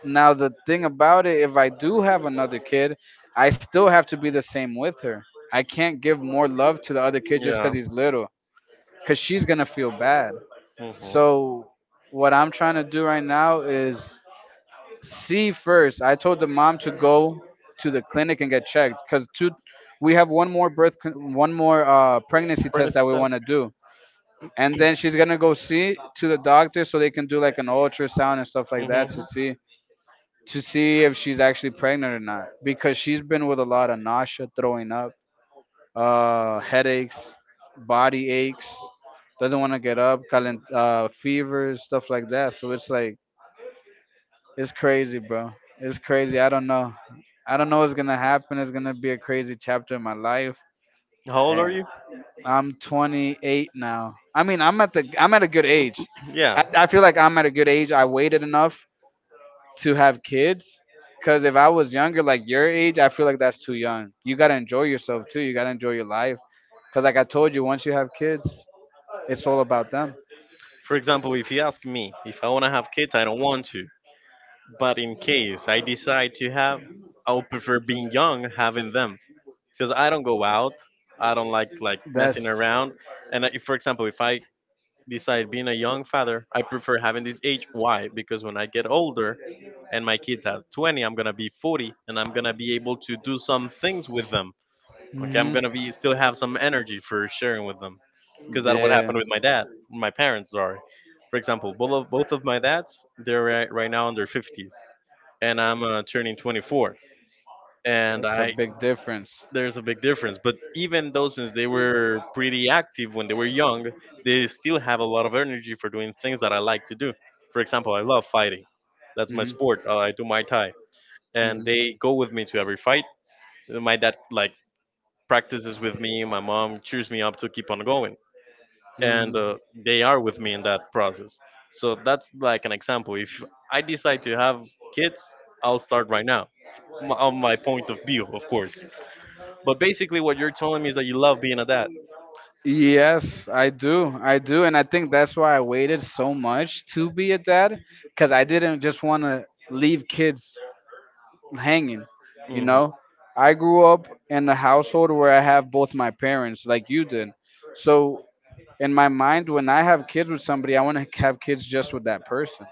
Speaker 2: now the thing about it, if I do have another kid, I still have to be the same with her. I can't give more love to the other kid just
Speaker 1: Yeah.
Speaker 2: because he's little, because she's gonna feel bad.
Speaker 1: Mm-hmm.
Speaker 2: So what I'm trying to do right now is see first. I told the mom to go to the clinic and get checked because two, we have one more birth, one more pregnancy test
Speaker 1: Apprentice
Speaker 2: that we want
Speaker 1: test.
Speaker 2: to do, and then she's gonna go see to the doctor so they can do like an ultrasound and stuff like that
Speaker 1: Mm-hmm.
Speaker 2: to see if she's actually pregnant or not because she's been with a lot of nausea, throwing up, headaches, body aches, doesn't want to get up, calent, fevers, stuff like that. So it's like it's crazy, bro. It's crazy. I don't know. I don't know what's gonna happen. It's gonna be a crazy chapter in my life,
Speaker 1: How old are
Speaker 2: and
Speaker 1: you?
Speaker 2: I'm 28 now. I mean, I'm at a good age. I,
Speaker 1: Yeah.
Speaker 2: I feel like I'm at a good age. I waited enough to have kids because if I was younger like your age I feel like that's too young. You gotta enjoy yourself too. You gotta enjoy your life because like I told you once you have kids it's all about them.
Speaker 1: For example, if you ask me if I want to have kids, I don't want to. But in case I decide to have, I would prefer being young, having them. Because I don't go out. I don't like messing
Speaker 2: That's
Speaker 1: around. And if, for example, if I decide being a young father, I prefer having this age. Why? Because when I get older, and my kids are 20, I'm gonna be 40, and I'm gonna be able to do some things with them. Okay, I'm
Speaker 2: hmm
Speaker 1: gonna be still have some energy for sharing with them, because that what
Speaker 2: yeah.
Speaker 1: happened with my dad, my parents. Sorry. For example, both of my dads, they're now in their 50s, and I'm turning 24, and
Speaker 2: That's a
Speaker 1: I
Speaker 2: big difference.
Speaker 1: there's a big difference. But even though since they were pretty active when they were young, they still have a lot of energy for doing things that I like to do. For example, I love fighting. That's my
Speaker 2: Hmm.
Speaker 1: sport. I do Muay Thai, and they go
Speaker 2: Hmm.
Speaker 1: with me to every fight. My dad like practices with me. My mom cheers me up to keep on going, and they are with me in that process. So that's like an example. If I decide to have kids, I'll start right now, on my point of view, of course. But
Speaker 2: Hmm.
Speaker 1: basically, what you're telling me is that you love being a dad.
Speaker 2: Yes, I do. I do. And I think that's why I waited so much to be a dad because I didn't just want to leave kids hanging. You
Speaker 1: Hmm.
Speaker 2: know, I grew up in a household where I have both my parents, like you did. So, in my mind, when I have kids with somebody, I want to have kids just with that person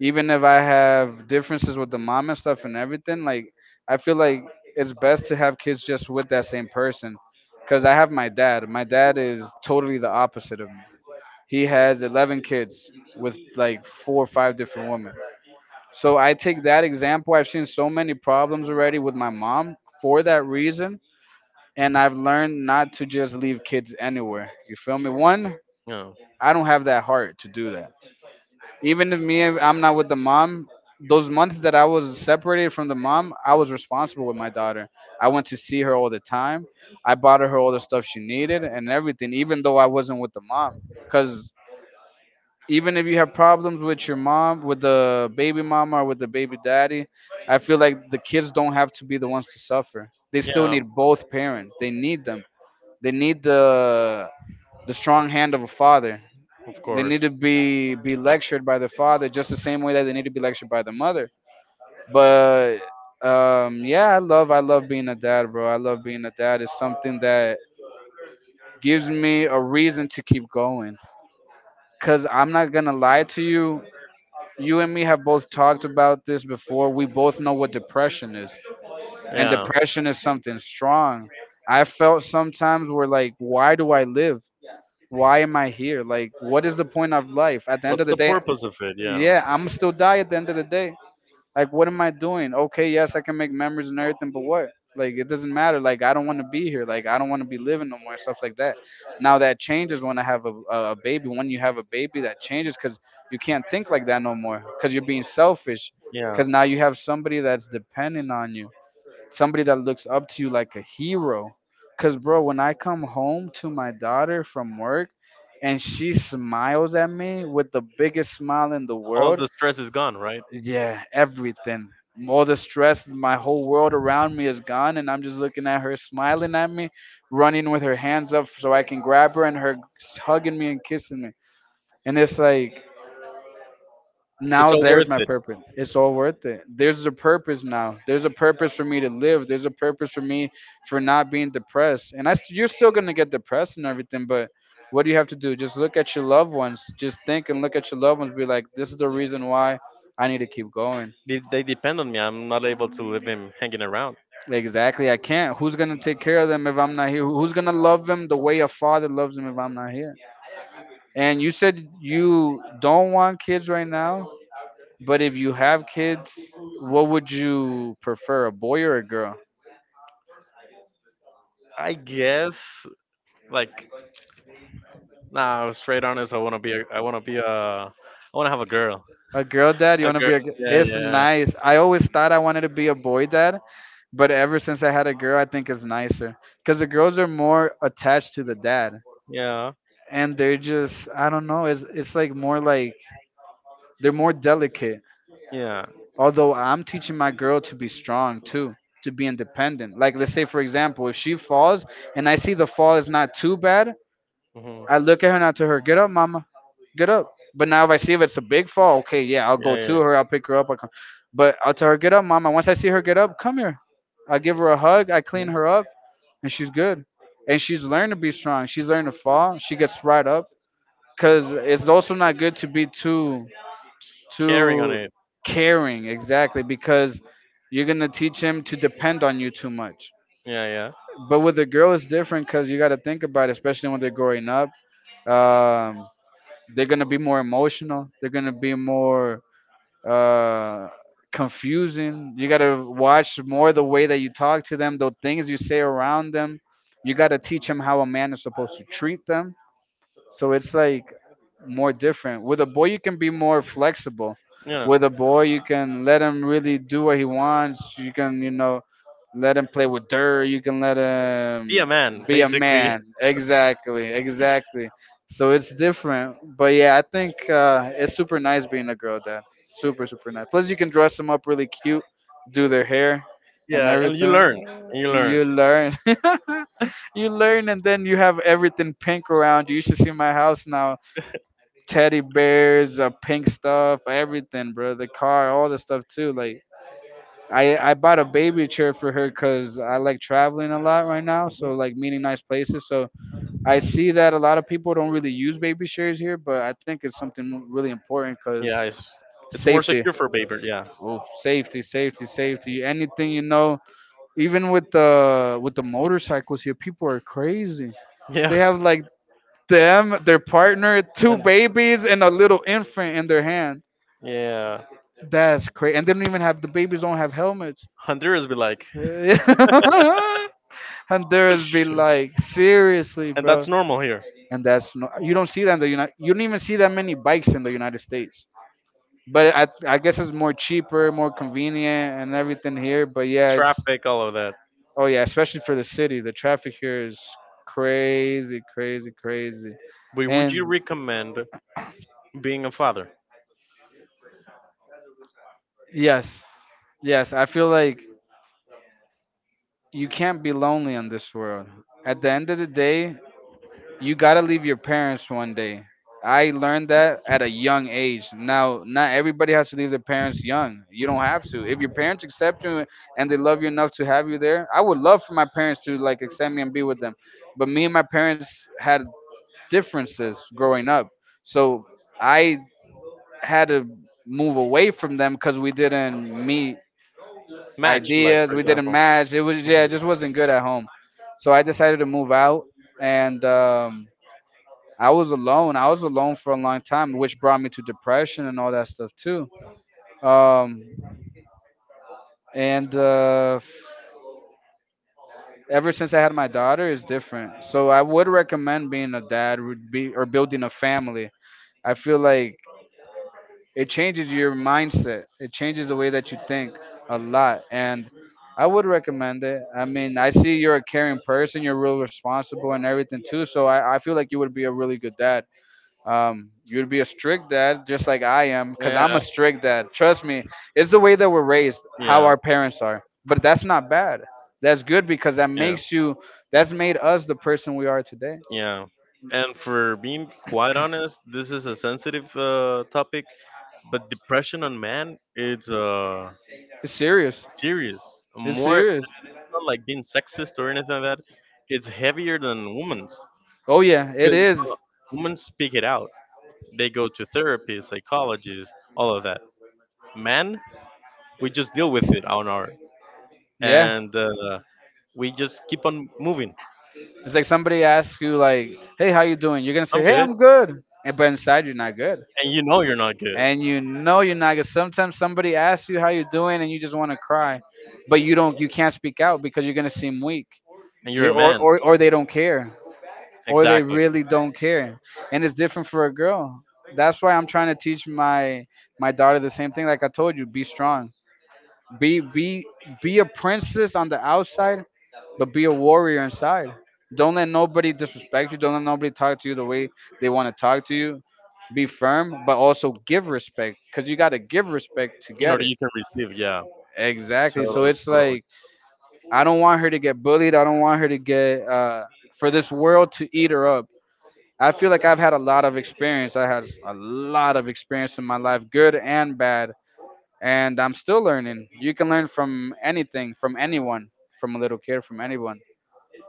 Speaker 2: even if I have differences with the mom and stuff and everything, like I feel like it's best to have kids just with that same person. Cause I have my dad. My dad is totally the opposite of me. He has 11 kids with like four or five different women. So I take that example. I've seen so many problems already with my mom for that reason. And I've learned not to just leave kids anywhere. You feel me? One,
Speaker 1: Yeah.
Speaker 2: I don't have that heart to do that. Even if me I'm not with the mom, those months that I was separated from the mom, I was responsible with my daughter. I went to see her all the time. I bought her all the stuff she needed and everything, even though I wasn't with the mom. Cause even if you have problems with your mom, with the baby mama or with the baby daddy, I feel like the kids don't have to be the ones to suffer. They still
Speaker 1: Yeah.
Speaker 2: need both parents. They need them. They need the strong hand of a father.
Speaker 1: Of
Speaker 2: They need to
Speaker 1: course.
Speaker 2: be lectured by the father just the same way that they need to be lectured by the mother. But yeah, I love being a dad, bro. I love being a dad. It's something that gives me a reason to keep going. Cause I'm not gonna lie to you. You and me have both talked about this before. We both know what depression is, and
Speaker 1: Yeah.
Speaker 2: depression is something strong. I felt sometimes where like, why do I live? Why am I here? Like, what is the point of life? At the end
Speaker 1: What's
Speaker 2: of the
Speaker 1: the
Speaker 2: day,
Speaker 1: purpose of it? Yeah.
Speaker 2: yeah, I'm still die at the end of the day. Like, what am I doing? Okay, yes, I can make memories and everything, but what? Like, it doesn't matter. Like, I don't want to be here. Like, I don't want to be living no more. Stuff like that. Now that changes when I have a baby. When you have a baby, that changes because you can't think like that no more. Because you're being selfish.
Speaker 1: Yeah.
Speaker 2: Because now you have somebody that's dependent on you. Somebody that looks up to you like a hero. Because bro, when I come home to my daughter from work, and she smiles at me with the biggest smile in the
Speaker 1: All
Speaker 2: world,
Speaker 1: the stress is gone, right?
Speaker 2: yeah, everything. All the stress, my whole world around me is gone, and I'm just looking at her smiling at me, running with her hands up so I can grab her, and her hugging me and kissing me. And it's like,
Speaker 1: It's
Speaker 2: now
Speaker 1: all
Speaker 2: there's
Speaker 1: worth
Speaker 2: my
Speaker 1: it.
Speaker 2: purpose. It's all worth it. There's a purpose now. There's a purpose for me to live. There's a purpose for me for not being depressed. And you're still gonna get depressed and everything, but what do you have to do? Just look at your loved ones. Just think and look at your loved ones. Be like, this is the reason why I need to keep going.
Speaker 1: They depend on me. I'm not able to leave them hanging around.
Speaker 2: Exactly. I can't. Who's gonna take care of them if I'm not here? Who's gonna love them the way a father loves them if I'm not here? And you said you don't want kids right now, but if you have kids, what would you prefer, a boy or a girl?
Speaker 1: I guess like nah, straight honest. I wanna be a. I wanna be a. I wanna have a girl.
Speaker 2: A girl dad? You
Speaker 1: A
Speaker 2: wanna
Speaker 1: girl.
Speaker 2: be a? G-
Speaker 1: Yeah,
Speaker 2: It's
Speaker 1: yeah,
Speaker 2: nice. I always thought I wanted to be a boy dad, but ever since I had a girl, I think it's nicer because the girls are more attached to the dad,
Speaker 1: yeah,
Speaker 2: and they're just I don't know. It's like more like they're more delicate.
Speaker 1: yeah.
Speaker 2: Although I'm teaching my girl to be strong too, to be independent. Like, let's say, for example, if she falls and I see the fall is not too bad,
Speaker 1: Hmm.
Speaker 2: I look at her and I tell her, get up, mama, get up. But now if I see if it's a big fall, okay, yeah, I'll go
Speaker 1: Yeah, yeah.
Speaker 2: to her, I'll pick her up. I'll come. But I'll tell her, get up, mama. Once I see her get up, come here. I give her a hug, I clean her up, and she's good. And she's learned to be strong. She's learned to fall. She gets right up. Because it's also not good to be too
Speaker 1: Carrying on
Speaker 2: to
Speaker 1: it.
Speaker 2: caring exactly, because you're gonna teach him to depend on you too much.
Speaker 1: Yeah, yeah.
Speaker 2: But with a girl it's different because you got to think about it, especially when they're growing up. um, they're gonna be more emotional. They're gonna be more uh, confusing. You gotta watch more the way that you talk to them, the things you say around them. You gotta teach them how a man is supposed to treat them. So it's like more different. With a boy, you can be more flexible.
Speaker 1: Yeah.
Speaker 2: With a boy, you can let him really do what he wants. You can, you know, let him play with dirt. You can let
Speaker 1: Be a
Speaker 2: him
Speaker 1: man,
Speaker 2: be a
Speaker 1: basically.
Speaker 2: man. Exactly, exactly. So it's different. But yeah, I think it's super nice being a girl dad. Super, super nice. Plus, you can dress them up really cute, do their hair and
Speaker 1: Yeah, and you learn.
Speaker 2: everything.
Speaker 1: And you learn.
Speaker 2: You learn. You learn, and then you have everything pink around you. You should see my house now. Teddy bears, pink stuff, everything, bro. The car, all the stuff too. Like I bought a baby chair for her because I like traveling a lot right now. So
Speaker 1: Mhm.
Speaker 2: like meeting nice places. So I see that a lot of people don't really use baby chairs here, but I think it's something really important because
Speaker 1: Yeah, it's more
Speaker 2: safety.
Speaker 1: secure for paper. Yeah.
Speaker 2: Oh, safety, safety, safety. Anything, you know, even with the motorcycles here, people are crazy. They
Speaker 1: Yeah.
Speaker 2: have like them, their partner, two
Speaker 1: And
Speaker 2: babies, and a little infant in their hand.
Speaker 1: yeah.
Speaker 2: That's crazy. And they don't even have, the babies don't have helmets.
Speaker 1: Honduras be like.
Speaker 2: Honduras be like, seriously,
Speaker 1: And
Speaker 2: bro.
Speaker 1: that's normal here.
Speaker 2: And that's no, you don't see that. In the United. You don't even see that many bikes in the United States. But I guess it's more cheaper, more convenient, and everything here. But yeah, it's
Speaker 1: Traffic, all of that.
Speaker 2: oh yeah, especially for the city, the traffic here is crazy, crazy, crazy.
Speaker 1: But would you
Speaker 2: And
Speaker 1: recommend being a father?
Speaker 2: yes, yes, I feel like you can't be lonely in this world. At the end of the day, you gotta leave your parents one day. I learned that at a young age. Now, not everybody has to leave their parents young. You don't have to. If your parents accept you and they love you enough to have you there, I would love for my parents to like accept me and be with them. But me and my parents had differences growing up, so I had to move away from them because we didn't meet
Speaker 1: Match, like
Speaker 2: ideas.
Speaker 1: for
Speaker 2: We didn't
Speaker 1: example.
Speaker 2: match. It was, yeah, it
Speaker 1: Mhm.
Speaker 2: just wasn't good at home. So I decided to move out, and I was alone. I was alone for a long time, which brought me to depression and all that stuff too. Um, and Ever since I had my daughter, it's different. So I would recommend being a dad, would be, or building a family. I feel like it changes your mindset. It changes the way that you think a lot. And I would recommend it. I mean, I see you're a caring person. You're real responsible and everything too. So I feel like you would be a really good dad. You'd be a strict dad, just like I am, because
Speaker 1: Yeah,
Speaker 2: I'm a strict dad. Trust me, it's the way that we're raised, how
Speaker 1: yeah,
Speaker 2: our parents are. But that's not bad. That's good because that
Speaker 1: yeah,
Speaker 2: makes you. That's made us the person we are today.
Speaker 1: yeah. And for being quite honest, this is a sensitive topic, but depression on man it's
Speaker 2: It's serious.
Speaker 1: serious.
Speaker 2: It's
Speaker 1: More, it's
Speaker 2: serious.
Speaker 1: not like being sexist or anything like that. It's heavier than women's
Speaker 2: Oh yeah, it
Speaker 1: because uh,
Speaker 2: is.
Speaker 1: women speak it out. They go to therapy, psychologists, all of that. Man, we just deal with it on our,
Speaker 2: Yeah.
Speaker 1: and we just keep on moving.
Speaker 2: It's like somebody asks you like, "Hey, how you doing?" You're gonna say,
Speaker 1: I'm
Speaker 2: "Hey,
Speaker 1: good,
Speaker 2: I'm good," and but inside you're not good,
Speaker 1: and you know you're not good,
Speaker 2: and you know you're not good. Sometimes somebody asks you how you doing, and you just want to cry, but you don't, you can't speak out because you're gonna seem weak,
Speaker 1: and you're
Speaker 2: you,
Speaker 1: a man.
Speaker 2: or they don't care. Or they
Speaker 1: Exactly.
Speaker 2: really don't care. And it's different for a girl. That's why I'm trying to teach my daughter the same thing. Like I told you, be strong, be be be a princess on the outside, but be a warrior inside. Don't let nobody disrespect you. Don't let nobody talk to you the way they want to talk to you. Be firm, but also give respect because you got to give respect to
Speaker 1: In
Speaker 2: get
Speaker 1: order
Speaker 2: it.
Speaker 1: you can receive, yeah.
Speaker 2: Exactly, so
Speaker 1: Totally,
Speaker 2: it's
Speaker 1: totally.
Speaker 2: like, I don't want her to get bullied. I don't want her to get, for this world to eat her up. I feel like I've had a lot of experience. I had a lot of experience in my life, good and bad, and I'm still learning. You can learn from anything, from anyone, from a little kid, from anyone.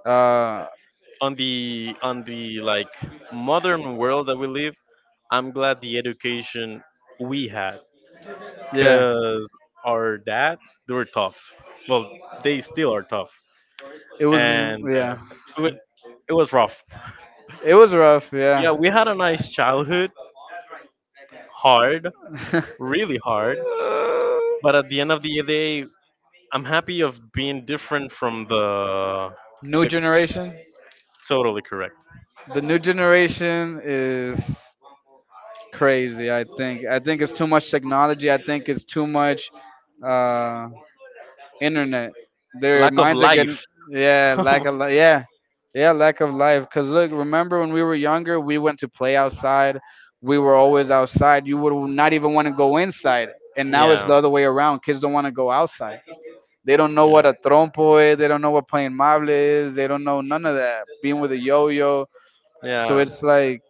Speaker 2: Uh,
Speaker 1: On the like modern world that we live, I'm glad the education we had,
Speaker 2: yeah,
Speaker 1: because our dads, they were tough, well, they still are tough.
Speaker 2: it was,
Speaker 1: And
Speaker 2: yeah,
Speaker 1: it, wa- it was rough.
Speaker 2: it was rough.
Speaker 1: Yeah,
Speaker 2: Yeah.
Speaker 1: we had a nice childhood. Hard, really hard. But at the end of the day, I'm happy of being different from the,
Speaker 2: New
Speaker 1: the
Speaker 2: generation.
Speaker 1: totally correct.
Speaker 2: The new generation is crazy. I think. I think it's too much technology. I think it's too much. Uh, Internet. Their
Speaker 1: Lack of
Speaker 2: minds are
Speaker 1: life.
Speaker 2: getting, yeah, yeah, yeah, lack of life. Cause look, remember when we were younger, we went to play outside. We were always outside. You would not even want to go inside. And now it's
Speaker 1: Yeah,
Speaker 2: the other way around. Kids don't want to go outside. They don't know
Speaker 1: yeah,
Speaker 2: what a trompo is. They don't know what playing mable is. They don't know none of that. Being with a yo-yo. So
Speaker 1: yeah,
Speaker 2: it's like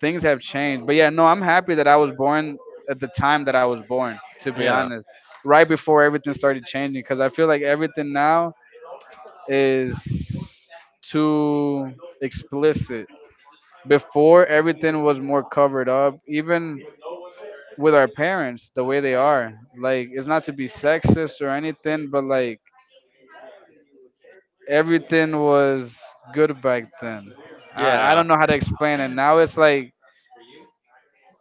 Speaker 2: things have changed. But yeah, no, I'm happy that I was born at the time that I was born, to be
Speaker 1: yeah,
Speaker 2: honest, right before everything started changing. Because I feel like everything now is too explicit. Before, everything was more covered up, even with our parents, the way they are. Like, it's not to be sexist or anything, but like, everything was good back then. I
Speaker 1: yeah.
Speaker 2: don't know how to explain it. Now it's like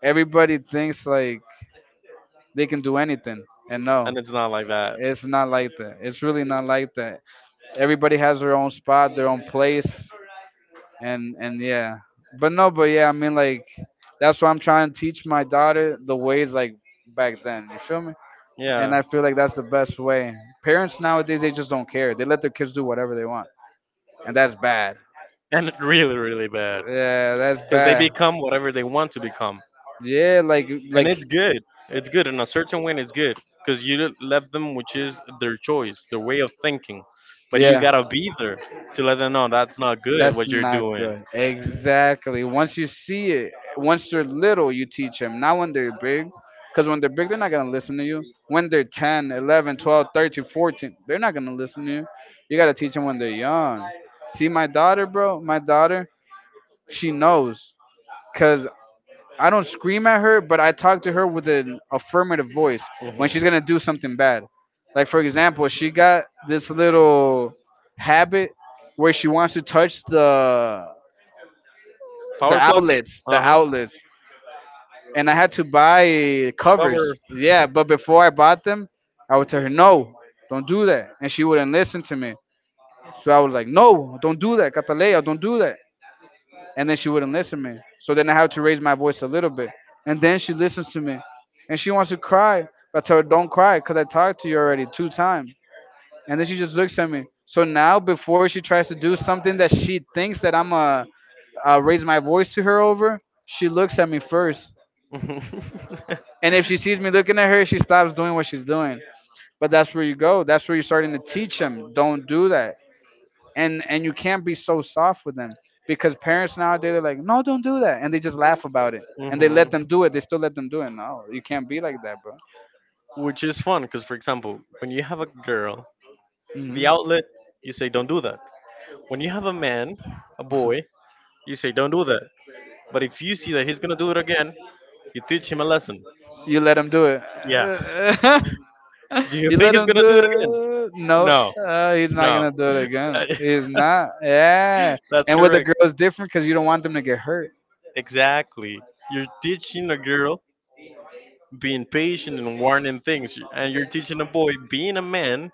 Speaker 2: everybody thinks like they can do anything. And no,
Speaker 1: And it's not like that.
Speaker 2: it's not like that. It's really not like that. Everybody has their own spot, their own place, and yeah. But no, but yeah, I mean like, that's why I'm trying to teach my daughter the ways like back then. You feel me?
Speaker 1: Yeah,
Speaker 2: And I feel like that's the best way. Parents nowadays they just don't care. They let their kids do whatever they want, and that's bad.
Speaker 1: and it really, really bad,
Speaker 2: Yeah, that's
Speaker 1: because they
Speaker 2: bad.
Speaker 1: become whatever they want to become.
Speaker 2: Yeah, like
Speaker 1: And it's
Speaker 2: like
Speaker 1: good. It's good in a certain way. It's good because you left them, which is their choice, their way of thinking. But you
Speaker 2: yeah.
Speaker 1: gotta be there to let them know that's not good
Speaker 2: That's
Speaker 1: what you're
Speaker 2: not
Speaker 1: doing.
Speaker 2: good. Exactly. Once you see it, once they're little, you teach them. Not when they're big. Because when they're big, they're not going to listen to you. When they're 10, 11, 12, 13, 14, they're not going to listen to you. You got to teach them when they're young. See, my daughter, bro, my daughter, she knows. Because I don't scream at her, but I talk to her with an affirmative voice
Speaker 1: Hmm.
Speaker 2: when she's going to do something bad. Like, for example, she got this little habit where she wants to touch the the
Speaker 1: Power plug.
Speaker 2: outlets, the
Speaker 1: Uh huh.
Speaker 2: outlets, and I had to buy covers.
Speaker 1: Cover.
Speaker 2: Yeah, but before I bought them, I would tell her no, don't do that, and she wouldn't listen to me. So I was like, no, don't do that, Catalea, don't do that, and then she wouldn't listen to me. So then I had to raise my voice a little bit, and then she listens to me, and she wants to cry. I tell her don't cry because I talked to you already two times, and then she just looks at me. So now before she tries to do something that she thinks that I'm a raise my voice to her over, she looks at me first. And if she sees me looking at her, she stops doing what she's doing. But that's where you go. That's where you're starting to teach them. Don't do that. And you can't be so soft with them because parents nowadays are like, no, don't do that, and they just laugh about it and they let
Speaker 1: Mhm.
Speaker 2: them do it. They still let them do it. No, you can't be like that, bro.
Speaker 1: Which is fun because, for example, when you have a girl, the
Speaker 2: Hmm.
Speaker 1: outlet, you say, don't do that. When you have a man, a boy, you say, don't do that. But if you see that he's going to do it again, you teach him a lesson.
Speaker 2: You let him do it.
Speaker 1: Yeah. Do you
Speaker 2: You
Speaker 1: think
Speaker 2: let
Speaker 1: he's
Speaker 2: him
Speaker 1: going
Speaker 2: do
Speaker 1: to do it again?
Speaker 2: it. No,
Speaker 1: No,
Speaker 2: he's not
Speaker 1: no.
Speaker 2: gonna do it again. He's not. Yeah.
Speaker 1: That's
Speaker 2: And with the
Speaker 1: correct.
Speaker 2: girls, different because you don't want them to get hurt.
Speaker 1: Exactly. You're teaching a girl being patient and warning things. And you're teaching a boy being a man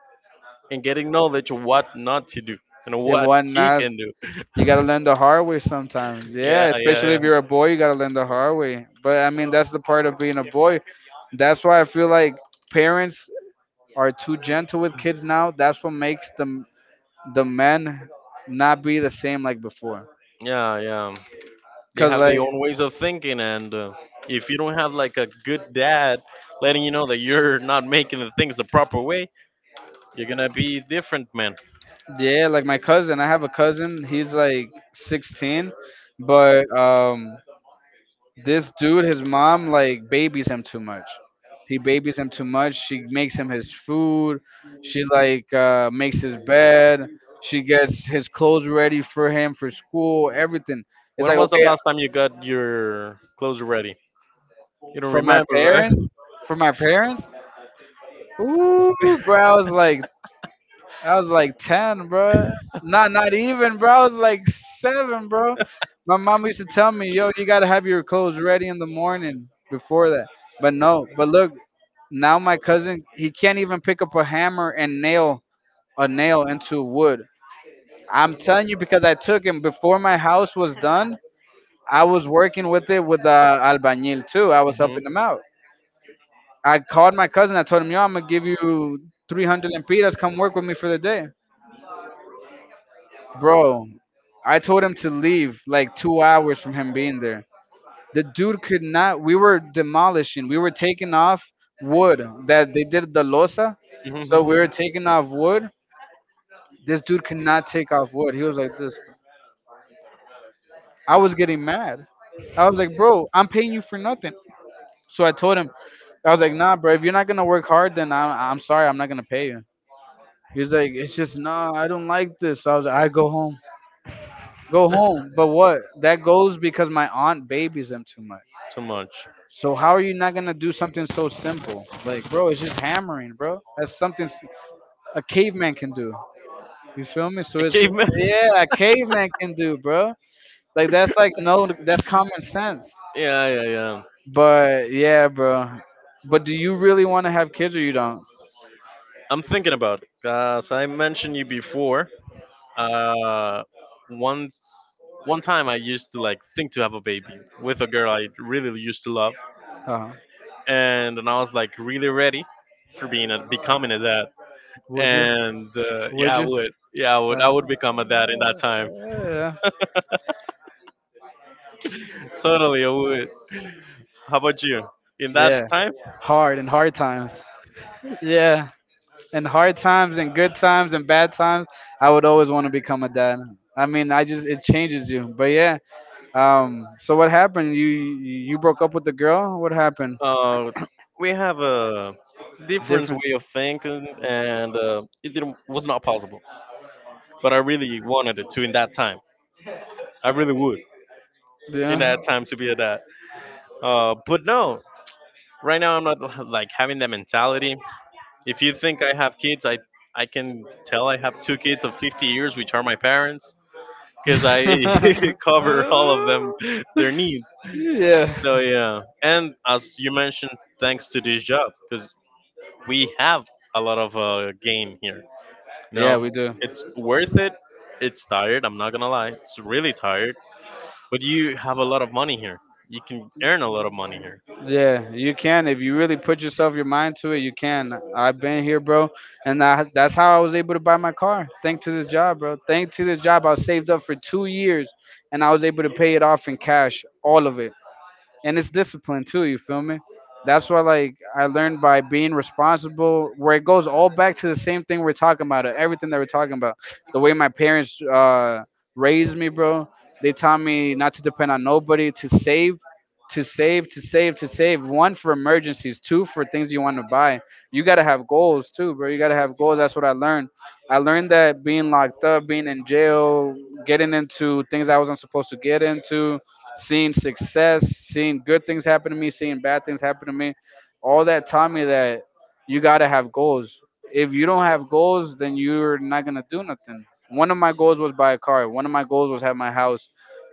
Speaker 1: and getting knowledge of what not to do and
Speaker 2: If
Speaker 1: what
Speaker 2: one
Speaker 1: he
Speaker 2: not,
Speaker 1: can do.
Speaker 2: you gotta learn the hard way sometimes.
Speaker 1: Yeah,
Speaker 2: Yeah,
Speaker 1: yeah,
Speaker 2: especially
Speaker 1: yeah.
Speaker 2: if you're a boy, you gotta learn the hard way. But I mean, that's the part of being a boy. That's why I feel like parents are too gentle with kids now. That's what makes them the men not be the same like before.
Speaker 1: Yeah, yeah. They
Speaker 2: Cause
Speaker 1: have their
Speaker 2: like,
Speaker 1: own ways of thinking. And if you don't have like a good dad letting you know that you're not making the things the proper way, you're going to be different, man.
Speaker 2: yeah, like my cousin. I have a cousin. He's like 16, but this dude, his mom, like babies him too much. He babies him too much. She makes him his food. She like, makes his bed. She gets his clothes ready for him for school. Everything. It's
Speaker 1: When
Speaker 2: like
Speaker 1: was the
Speaker 2: okay
Speaker 1: last time you got your clothes ready? You don't
Speaker 2: for my
Speaker 1: remember, right?
Speaker 2: parents. For my parents. Ooh, bro. I was like 10, bro. Not even, bro. I was like seven, bro. My mom used to tell me, "Yo, you gotta have your clothes ready in the morning before that." But no, but look, now my cousin he can't even pick up a hammer and nail a nail into wood. I'm telling you because I took him before my house was done. I was working with it with the albañil too. I was helping him out. I called my cousin. I told him, "Yo, I'm gonna give you 300 lempiras. Come work with me for the day." Bro, I told him to leave like 2 hours from him being there. The dude could not. We were demolishing. We were taking off wood that they did the losa,
Speaker 1: Hmm.
Speaker 2: so
Speaker 1: Hmm.
Speaker 2: we were taking off wood. This dude could not take off wood. He was like this. I was getting mad. I was like, bro, I'm paying you for nothing. So I told him, I was like, nah, bro, if you're not gonna work hard, then I'm sorry, I'm not gonna pay you. He was like, it's just nah, I don't like this. So I was like, I go home, go home. But what? That goes because my aunt babies him too much.
Speaker 1: Too much.
Speaker 2: So how are you not gonna do something so simple? Like, bro, it's just hammering, bro. That's something a caveman can do. You feel me? So
Speaker 1: A
Speaker 2: it's
Speaker 1: caveman?
Speaker 2: yeah, a caveman can do, bro. Like that's like no, that's common sense.
Speaker 1: Yeah, yeah, yeah.
Speaker 2: But yeah, bro. But do you really want to have kids or you don't?
Speaker 1: I'm thinking about it. Cause I mentioned you before. Uh, Once, one time, I used to like think to have a baby with a girl I really used to love,
Speaker 2: Uh,
Speaker 1: and then I was like really ready for being a becoming a dad.
Speaker 2: would you?
Speaker 1: And
Speaker 2: Would
Speaker 1: yeah, I
Speaker 2: you?
Speaker 1: would. Yeah, I would. I
Speaker 2: Uh,
Speaker 1: would become a dad in that time.
Speaker 2: yeah.
Speaker 1: Totally, I would. How about you? In
Speaker 2: Yeah.
Speaker 1: that time,
Speaker 2: Hard and hard times. Yeah. In hard times and good times and bad times, I would always want to become a dad. I mean, I just it changes you. But yeah. So what happened? You broke up with the girl. What happened?
Speaker 1: uh, we have a different
Speaker 2: Difference.
Speaker 1: way of thinking, and it didn't, was not possible. But I really wanted it to in that time. I really would in
Speaker 2: Yeah.
Speaker 1: that time to be a dad. But no, right now I'm not like having that mentality. If you think I have kids, I can tell I have two kids of 50 years, which are my parents. Because I cover all of them their needs.
Speaker 2: yeah.
Speaker 1: So yeah, and as you mentioned, thanks to this job, because we have a lot of gain here. You
Speaker 2: Yeah,
Speaker 1: know,
Speaker 2: we do.
Speaker 1: it's worth it. It's tired. I'm not gonna lie. It's really tired, but you have a lot of money here. You can earn a lot of money here.
Speaker 2: Yeah, you can if you really put yourself your mind to it. You can. I've been here, bro, and that's how I was able to buy my car. Thanks to this job, bro. Thanks to this job, I saved up for 2 years, and I was able to pay it off in cash, all of it. And it's discipline too. You feel me? That's why like I learned by being responsible. Where it goes all back to the same thing we're talking about. Everything that we're talking about. The way my parents raised me, bro. They taught me not to depend on nobody. To save, to save. One for emergencies. Two for things you want to buy. You gotta have goals too, bro. You gotta have goals. That's what I learned. I learned that being locked up, being in jail, getting into things I wasn't supposed to get into, seeing success, seeing good things happen to me, seeing bad things happen to me, all that taught me that you gotta have goals. If you don't have goals, then you're not gonna do nothing. One of my goals was buy a car. One of my goals was have my house.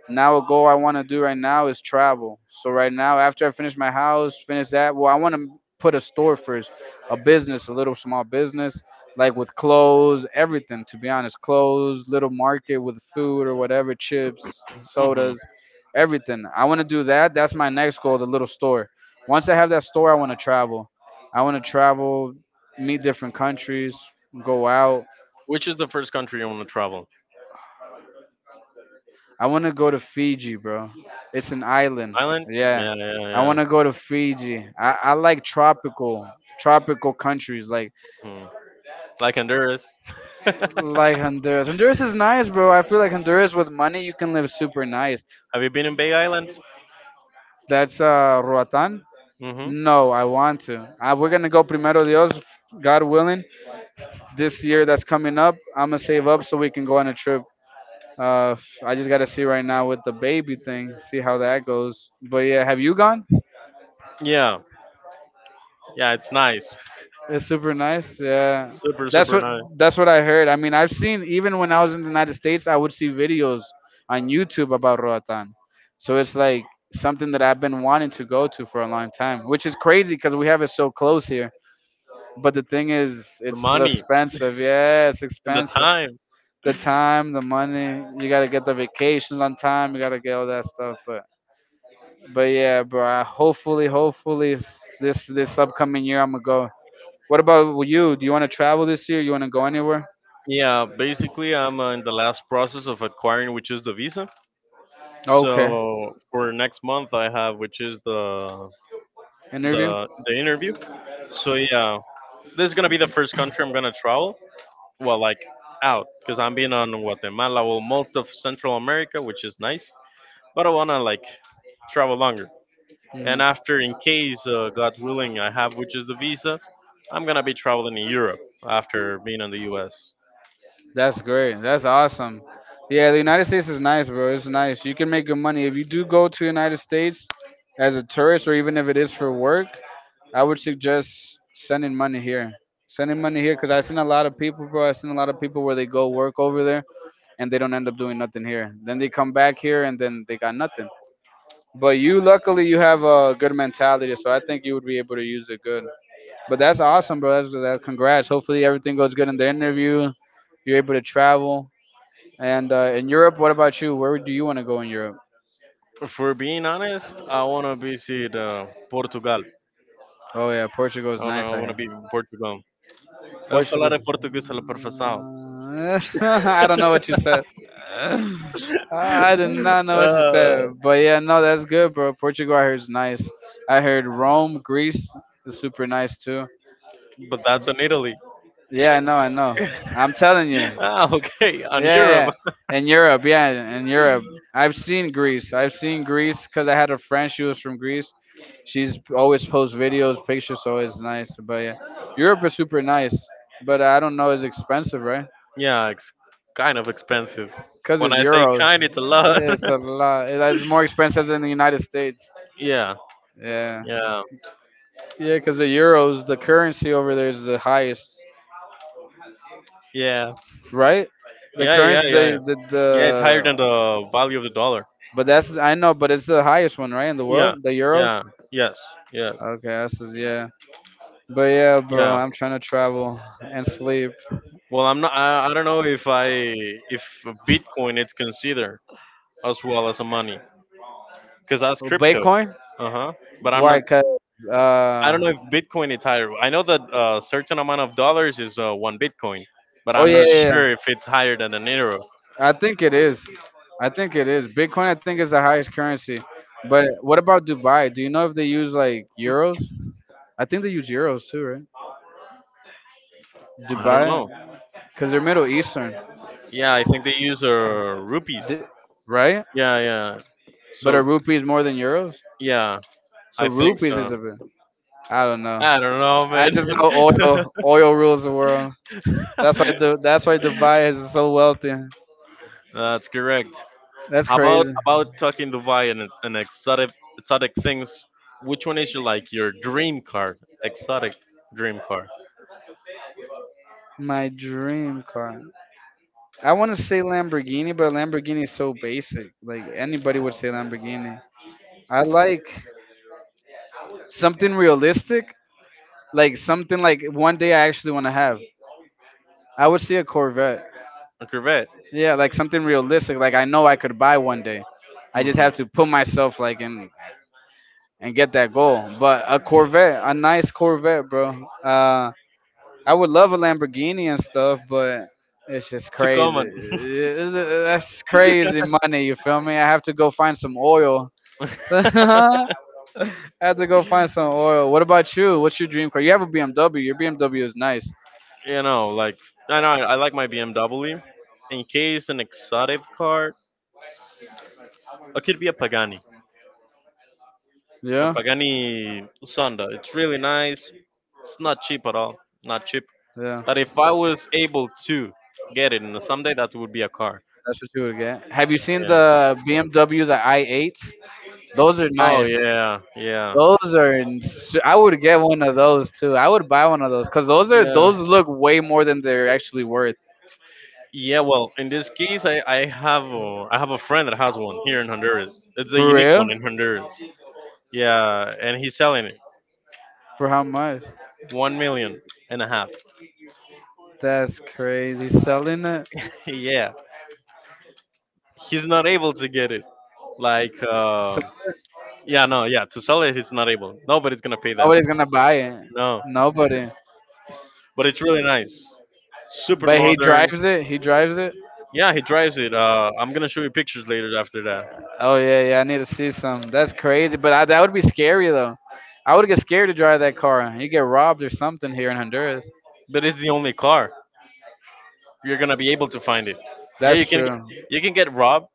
Speaker 2: Now a goal I want to do right now is travel. So right now, after I finish my house, finish that, well, I want to put a store first, a business, a little small business, like with clothes, everything. To be honest, clothes, little market with food or whatever, chips,
Speaker 1: Hmm.
Speaker 2: sodas, everything. I want to do that. That's my next goal, the little store. Once I have that store, I want to travel. I want to travel, meet different countries, go out.
Speaker 1: Which is the first country you want to travel?
Speaker 2: I want to go to Fiji, bro. It's an island.
Speaker 1: Island?
Speaker 2: Yeah.
Speaker 1: Yeah, yeah,
Speaker 2: I
Speaker 1: yeah.
Speaker 2: want to go to Fiji. I like tropical countries
Speaker 1: Hmm. Like Honduras. Have
Speaker 2: like Honduras. Honduras is nice, bro. I feel like Honduras with money you can live super nice.
Speaker 1: you been in Bay Island?
Speaker 2: That's Roatan.
Speaker 1: Hmm.
Speaker 2: No, I want to. We're gonna go primero Dios, God willing. This year that's coming up, I'm gonna save up so we can go on a trip. I just gotta see right now with the baby thing, see how that goes. But yeah, have you gone?
Speaker 1: Yeah, yeah, it's nice.
Speaker 2: It's super nice. Yeah,
Speaker 1: Super,
Speaker 2: that's
Speaker 1: super
Speaker 2: what
Speaker 1: nice.
Speaker 2: that's what I heard. I mean, I've seen even when I was in the United States, I would see videos on YouTube about Roatan. So it's like something that I've been wanting to go to for a long time, which is crazy because we have it so close here. But the thing is,
Speaker 1: The
Speaker 2: it's so
Speaker 1: money
Speaker 2: expensive. Yeah, it's
Speaker 1: and the
Speaker 2: expensive.
Speaker 1: time.
Speaker 2: The time, the money. You gotta get the vacations on time. You gotta get all that stuff. But yeah, bro. I, hopefully, this upcoming year I'm gonna go. What about you? Do you want to travel this year? You want to go anywhere?
Speaker 1: Yeah, basically, I'm in the last process of acquiring, which is the visa.
Speaker 2: Okay.
Speaker 1: So for next month, I have, which is the
Speaker 2: Interview.
Speaker 1: the the interview. So yeah, this is gonna be the first country I'm gonna travel. Well, like out, because I'm being on Guatemala, well, most of Central America, which is nice. But I wanna like travel longer. And
Speaker 2: Hmm.
Speaker 1: after, in case, God willing, I have which is the visa, I'm gonna be traveling in Europe after being in the U.S.
Speaker 2: That's great. That's awesome. Yeah, the United States is nice, bro. It's nice. You can make good money if you do go to United States as a tourist, or even if it is for work. I would suggest sending money here. Sending money here because I seen a lot of people, bro. I seen a lot of people where they go work over there and they don't end up doing nothing here. Then they come back here and then they got nothing. But you, luckily, you have a good mentality, so I think you would be able to use it good. But that's awesome, bro. That's, that, congrats. Hopefully, everything goes good in the interview. You're able to travel. And in Europe, what about you? Where do you want to go in Europe?
Speaker 1: For being honest, I wanna visit Portugal.
Speaker 2: Oh yeah, Portugal
Speaker 1: I
Speaker 2: is
Speaker 1: wanna,
Speaker 2: nice.
Speaker 1: I
Speaker 2: I
Speaker 1: wanna
Speaker 2: heard
Speaker 1: be in Portugal. Eu falar
Speaker 2: Portugal's.
Speaker 1: em português pela perfeição.
Speaker 2: I don't know what you said. I did not know what you
Speaker 1: Uh,
Speaker 2: said, but yeah, no, that's good, bro. Portugal, I heard is nice. I heard Rome, Greece is super nice too.
Speaker 1: but that's in Italy.
Speaker 2: Yeah, I know, I know. I'm telling you.
Speaker 1: Ah, okay,
Speaker 2: Yeah,
Speaker 1: on Europe.
Speaker 2: yeah. Yeah. In Europe, yeah, in Europe. I've seen Greece. I've seen Greece because I had a friend. She was from Greece. She's always posts videos, pictures, so it's nice. But yeah, Europe is super nice. But I don't know, it's expensive, right?
Speaker 1: Yeah, it's kind of expensive.
Speaker 2: Because
Speaker 1: When
Speaker 2: it's
Speaker 1: I say
Speaker 2: euros.
Speaker 1: kind, it's a lot.
Speaker 2: It's a lot. It- It's more expensive than the United States.
Speaker 1: Yeah,
Speaker 2: Yeah.
Speaker 1: yeah,
Speaker 2: Yeah, because the euros, the currency over there is the highest,
Speaker 1: yeah,
Speaker 2: right? The
Speaker 1: yeah, yeah,
Speaker 2: currency,
Speaker 1: yeah, yeah. Yeah, it's higher than the value of the dollar.
Speaker 2: but that's, I know, but it's the highest one, right, in the
Speaker 1: Yeah,
Speaker 2: world? The euros?
Speaker 1: yeah, yes. Yes.
Speaker 2: Okay, I says yeah. But yeah, bro,
Speaker 1: Yeah,
Speaker 2: I'm trying to travel and sleep.
Speaker 1: well, I'm not I don't know if bitcoin it's considered as well as a money, because that's crypto.
Speaker 2: Bitcoin?
Speaker 1: Uh-huh. But
Speaker 2: Why? Cause
Speaker 1: I
Speaker 2: uh,
Speaker 1: don't know if bitcoin is higher. I know that a certain amount of dollars is one bitcoin, but
Speaker 2: oh
Speaker 1: I'm
Speaker 2: yeah,
Speaker 1: not
Speaker 2: yeah. Yeah.
Speaker 1: sure if it's higher than an euro.
Speaker 2: I think it is. I think it is. Bitcoin, I think is the highest currency. But what about Dubai? Do you know if they use like euros? I think they use euros too, right?
Speaker 1: I don't
Speaker 2: Dubai,
Speaker 1: know.
Speaker 2: because they're Middle Eastern,
Speaker 1: Yeah, I think they use rupees.
Speaker 2: D- right?
Speaker 1: Yeah, yeah.
Speaker 2: But are
Speaker 1: So
Speaker 2: rupees more than euros?
Speaker 1: yeah,
Speaker 2: So
Speaker 1: I think
Speaker 2: rupees is
Speaker 1: so.
Speaker 2: a bit. I don't know.
Speaker 1: I don't know,
Speaker 2: I
Speaker 1: man.
Speaker 2: just know oil. Oil rules the world. That's why Dubai is so wealthy.
Speaker 1: That's correct.
Speaker 2: That's
Speaker 1: How about
Speaker 2: crazy.
Speaker 1: talking Dubai and, exotic things? Which one is your like your dream car? Exotic dream car?
Speaker 2: My dream car. I want to say Lamborghini, but Lamborghini is so basic. Like anybody would say Lamborghini. I like something realistic, like something like one day I actually want to have. I would say a Corvette.
Speaker 1: A Corvette.
Speaker 2: Yeah, like something realistic. Like I know I could buy one day. I just
Speaker 1: Hmm.
Speaker 2: have to put myself like in and get that goal. But a Corvette, a nice Corvette, bro. I would love a Lamborghini and stuff, but it's just
Speaker 1: Too
Speaker 2: crazy.
Speaker 1: common.
Speaker 2: That's crazy money. You feel me? I have to go find some oil. I have to go find some oil. What about you? What's your dream car? You have a BMW. Your BMW is nice.
Speaker 1: You know, like I know I like my BMW. In case an exotic car, it could be a
Speaker 2: Yeah,
Speaker 1: Pagani Sonda. It's really nice. It's not cheap at all. Not cheap.
Speaker 2: yeah.
Speaker 1: But if I was able to get it, and someday that would be a car.
Speaker 2: That's what you would get. Have you seen
Speaker 1: Yeah.
Speaker 2: the BMW the i8s? Those are
Speaker 1: Oh
Speaker 2: nice.
Speaker 1: yeah, yeah,
Speaker 2: Those are. I would get one of those too. I would buy one of those because those are
Speaker 1: yeah.
Speaker 2: those look way more than they're actually worth.
Speaker 1: Yeah, well, in this case, I have a friend that has one here in Honduras. It's a
Speaker 2: For
Speaker 1: unique one
Speaker 2: real?
Speaker 1: in Honduras. Yeah, and he's selling it
Speaker 2: For how much?
Speaker 1: one million and a half.
Speaker 2: That's crazy. Selling it.
Speaker 1: Yeah, he's not able to get it. Like,
Speaker 2: So-
Speaker 1: yeah, no, yeah, to sell it, he's not able. Nobody's gonna pay that.
Speaker 2: Nobody's gonna buy it.
Speaker 1: No,
Speaker 2: Nobody.
Speaker 1: but it's really nice, super
Speaker 2: But he
Speaker 1: modern.
Speaker 2: drives it. He drives it.
Speaker 1: Yeah, he drives it. I'm gonna show you pictures later after that.
Speaker 2: Oh yeah, yeah. I need to see some. That's crazy. But I, that would be scary though. I would get scared to drive that car. You get robbed or something here in Honduras.
Speaker 1: But it's the only car you're gonna be able to find it. Yeah,
Speaker 2: That's true.
Speaker 1: you can get robbed.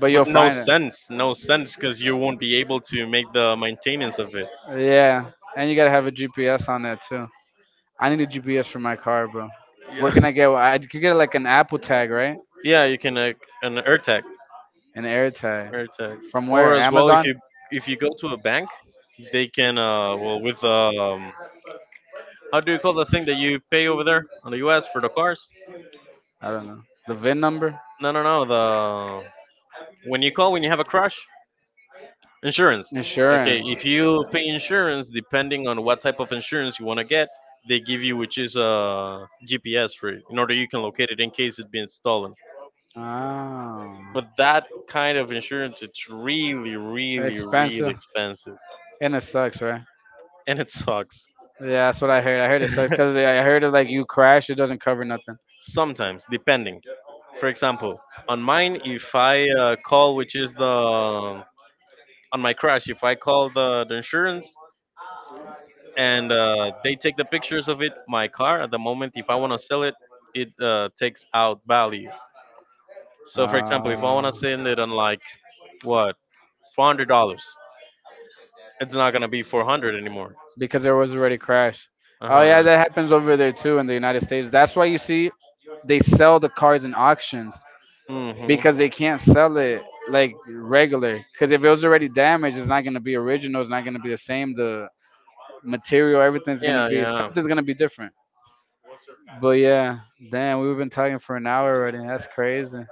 Speaker 2: But
Speaker 1: But
Speaker 2: you'll
Speaker 1: no
Speaker 2: find it.
Speaker 1: sense, no sense, because you won't be able to make the maintenance of it.
Speaker 2: Yeah, and you gotta have a GPS on that too. I need a GPS for my car, bro. Where
Speaker 1: Yeah.
Speaker 2: can I get? One? I could get like an Apple tag, right?
Speaker 1: Yeah, you can, an
Speaker 2: An Air tag.
Speaker 1: AirTag,
Speaker 2: From
Speaker 1: or
Speaker 2: where?
Speaker 1: as well
Speaker 2: Amazon?
Speaker 1: if you go to a bank, they can, well, with how do you call the thing that you pay over there on the U.S. for the cars?
Speaker 2: I don't know. The VIN number?
Speaker 1: No, no, no. The when you have a crash, insurance. Okay,
Speaker 2: Insurance.
Speaker 1: if you pay insurance, depending on what type of insurance you want to get, they give you which is a GPS it, in order you can locate it in case it being stolen.
Speaker 2: Oh,
Speaker 1: But that kind of insurance, it's really, really, really
Speaker 2: expensive.
Speaker 1: expensive,
Speaker 2: And it sucks, right?
Speaker 1: and it sucks.
Speaker 2: Yeah, that's what I heard. I heard it sucks because I heard it like you crash, it doesn't cover nothing.
Speaker 1: Sometimes, depending. For example, on mine, if I call, which is the on my crash, if I call the insurance, and they take the pictures of it, my car at the moment, if I want to sell it, it takes out value. So, for example, if I want
Speaker 2: Uh,
Speaker 1: to send it on like what $400, it's not gonna be 400 anymore.
Speaker 2: because there was already crash.
Speaker 1: Uh
Speaker 2: Oh yeah,
Speaker 1: huh.
Speaker 2: that happens over there too in the United States. That's why you see they sell the cars in auctions
Speaker 1: Mhm.
Speaker 2: because they can't sell it like regular. Because if it was already damaged, it's not gonna be original. It's not gonna be the same. The material, everything's gonna
Speaker 1: Yeah,
Speaker 2: be
Speaker 1: yeah.
Speaker 2: something's gonna be different. But yeah, damn, we've been talking for an hour already. That's crazy.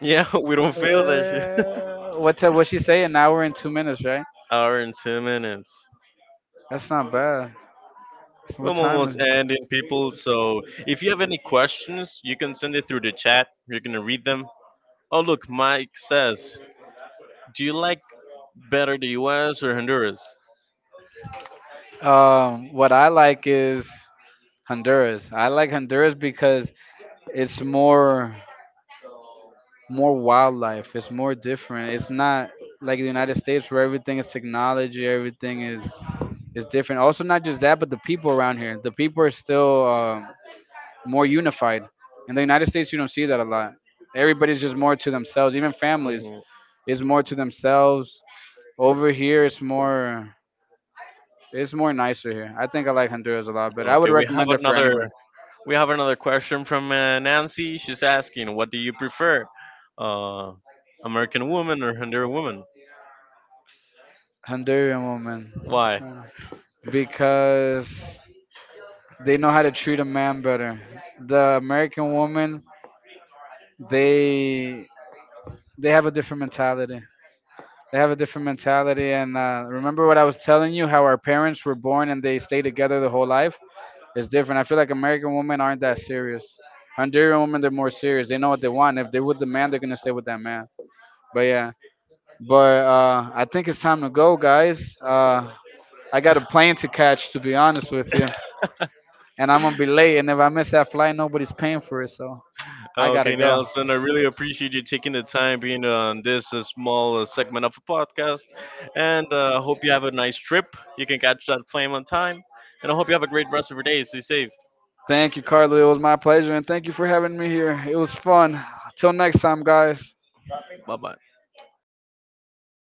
Speaker 1: Yeah, we don't feel that shit.
Speaker 2: What t- what she say? An hour and 2 minutes, right?
Speaker 1: Hour and 2 minutes.
Speaker 2: That's not bad. So
Speaker 1: We're
Speaker 2: what time is
Speaker 1: almost
Speaker 2: it?
Speaker 1: ending, people. So if you have any questions, you can send it through the chat. You're going to read them. Oh, look, Mike says, do you like better the US or Honduras?
Speaker 2: What I like is Honduras. I like Honduras because it's more more wildlife. It's more different. It's not like the United States where everything is technology, everything is different. Also, not just that, but the people around here. The people are still more unified. In the United States, you don't see that a lot. Everybody's just more to themselves. Even families
Speaker 1: Hmm.
Speaker 2: is more to themselves. Over here, it's more nicer here. I think I like Honduras a lot, but I would
Speaker 1: Okay,
Speaker 2: recommend it for anybody.
Speaker 1: we have another question from Nancy. She's asking, what do you prefer, uh, American woman or Honduran woman?
Speaker 2: Honduran woman.
Speaker 1: Why?
Speaker 2: Because they know how to treat a man better. The American woman, they they have a different mentality. They have a different mentality, and remember what I was telling you, how our parents were born and they stay together the whole life. It's different. I feel like American women aren't that serious. Honduran women, they're more serious. They know what they want. If they with the man, they're gonna stay with that man. But yeah, but I think it's time to go, guys. I got a plane to catch, to be honest with you, and I'm gonna be late. And if I miss that flight, nobody's paying for it, so I gotta
Speaker 1: Okay,
Speaker 2: go.
Speaker 1: Nelson, I really appreciate you taking the time being on this small segment of a podcast. And hope you have a nice trip. You can catch that plane on time. And I hope you have a great rest of your day. Stay safe.
Speaker 2: Thank you, Carly. It was my pleasure, and thank you for having me here. It was fun. Till next time, guys.
Speaker 1: Bye bye.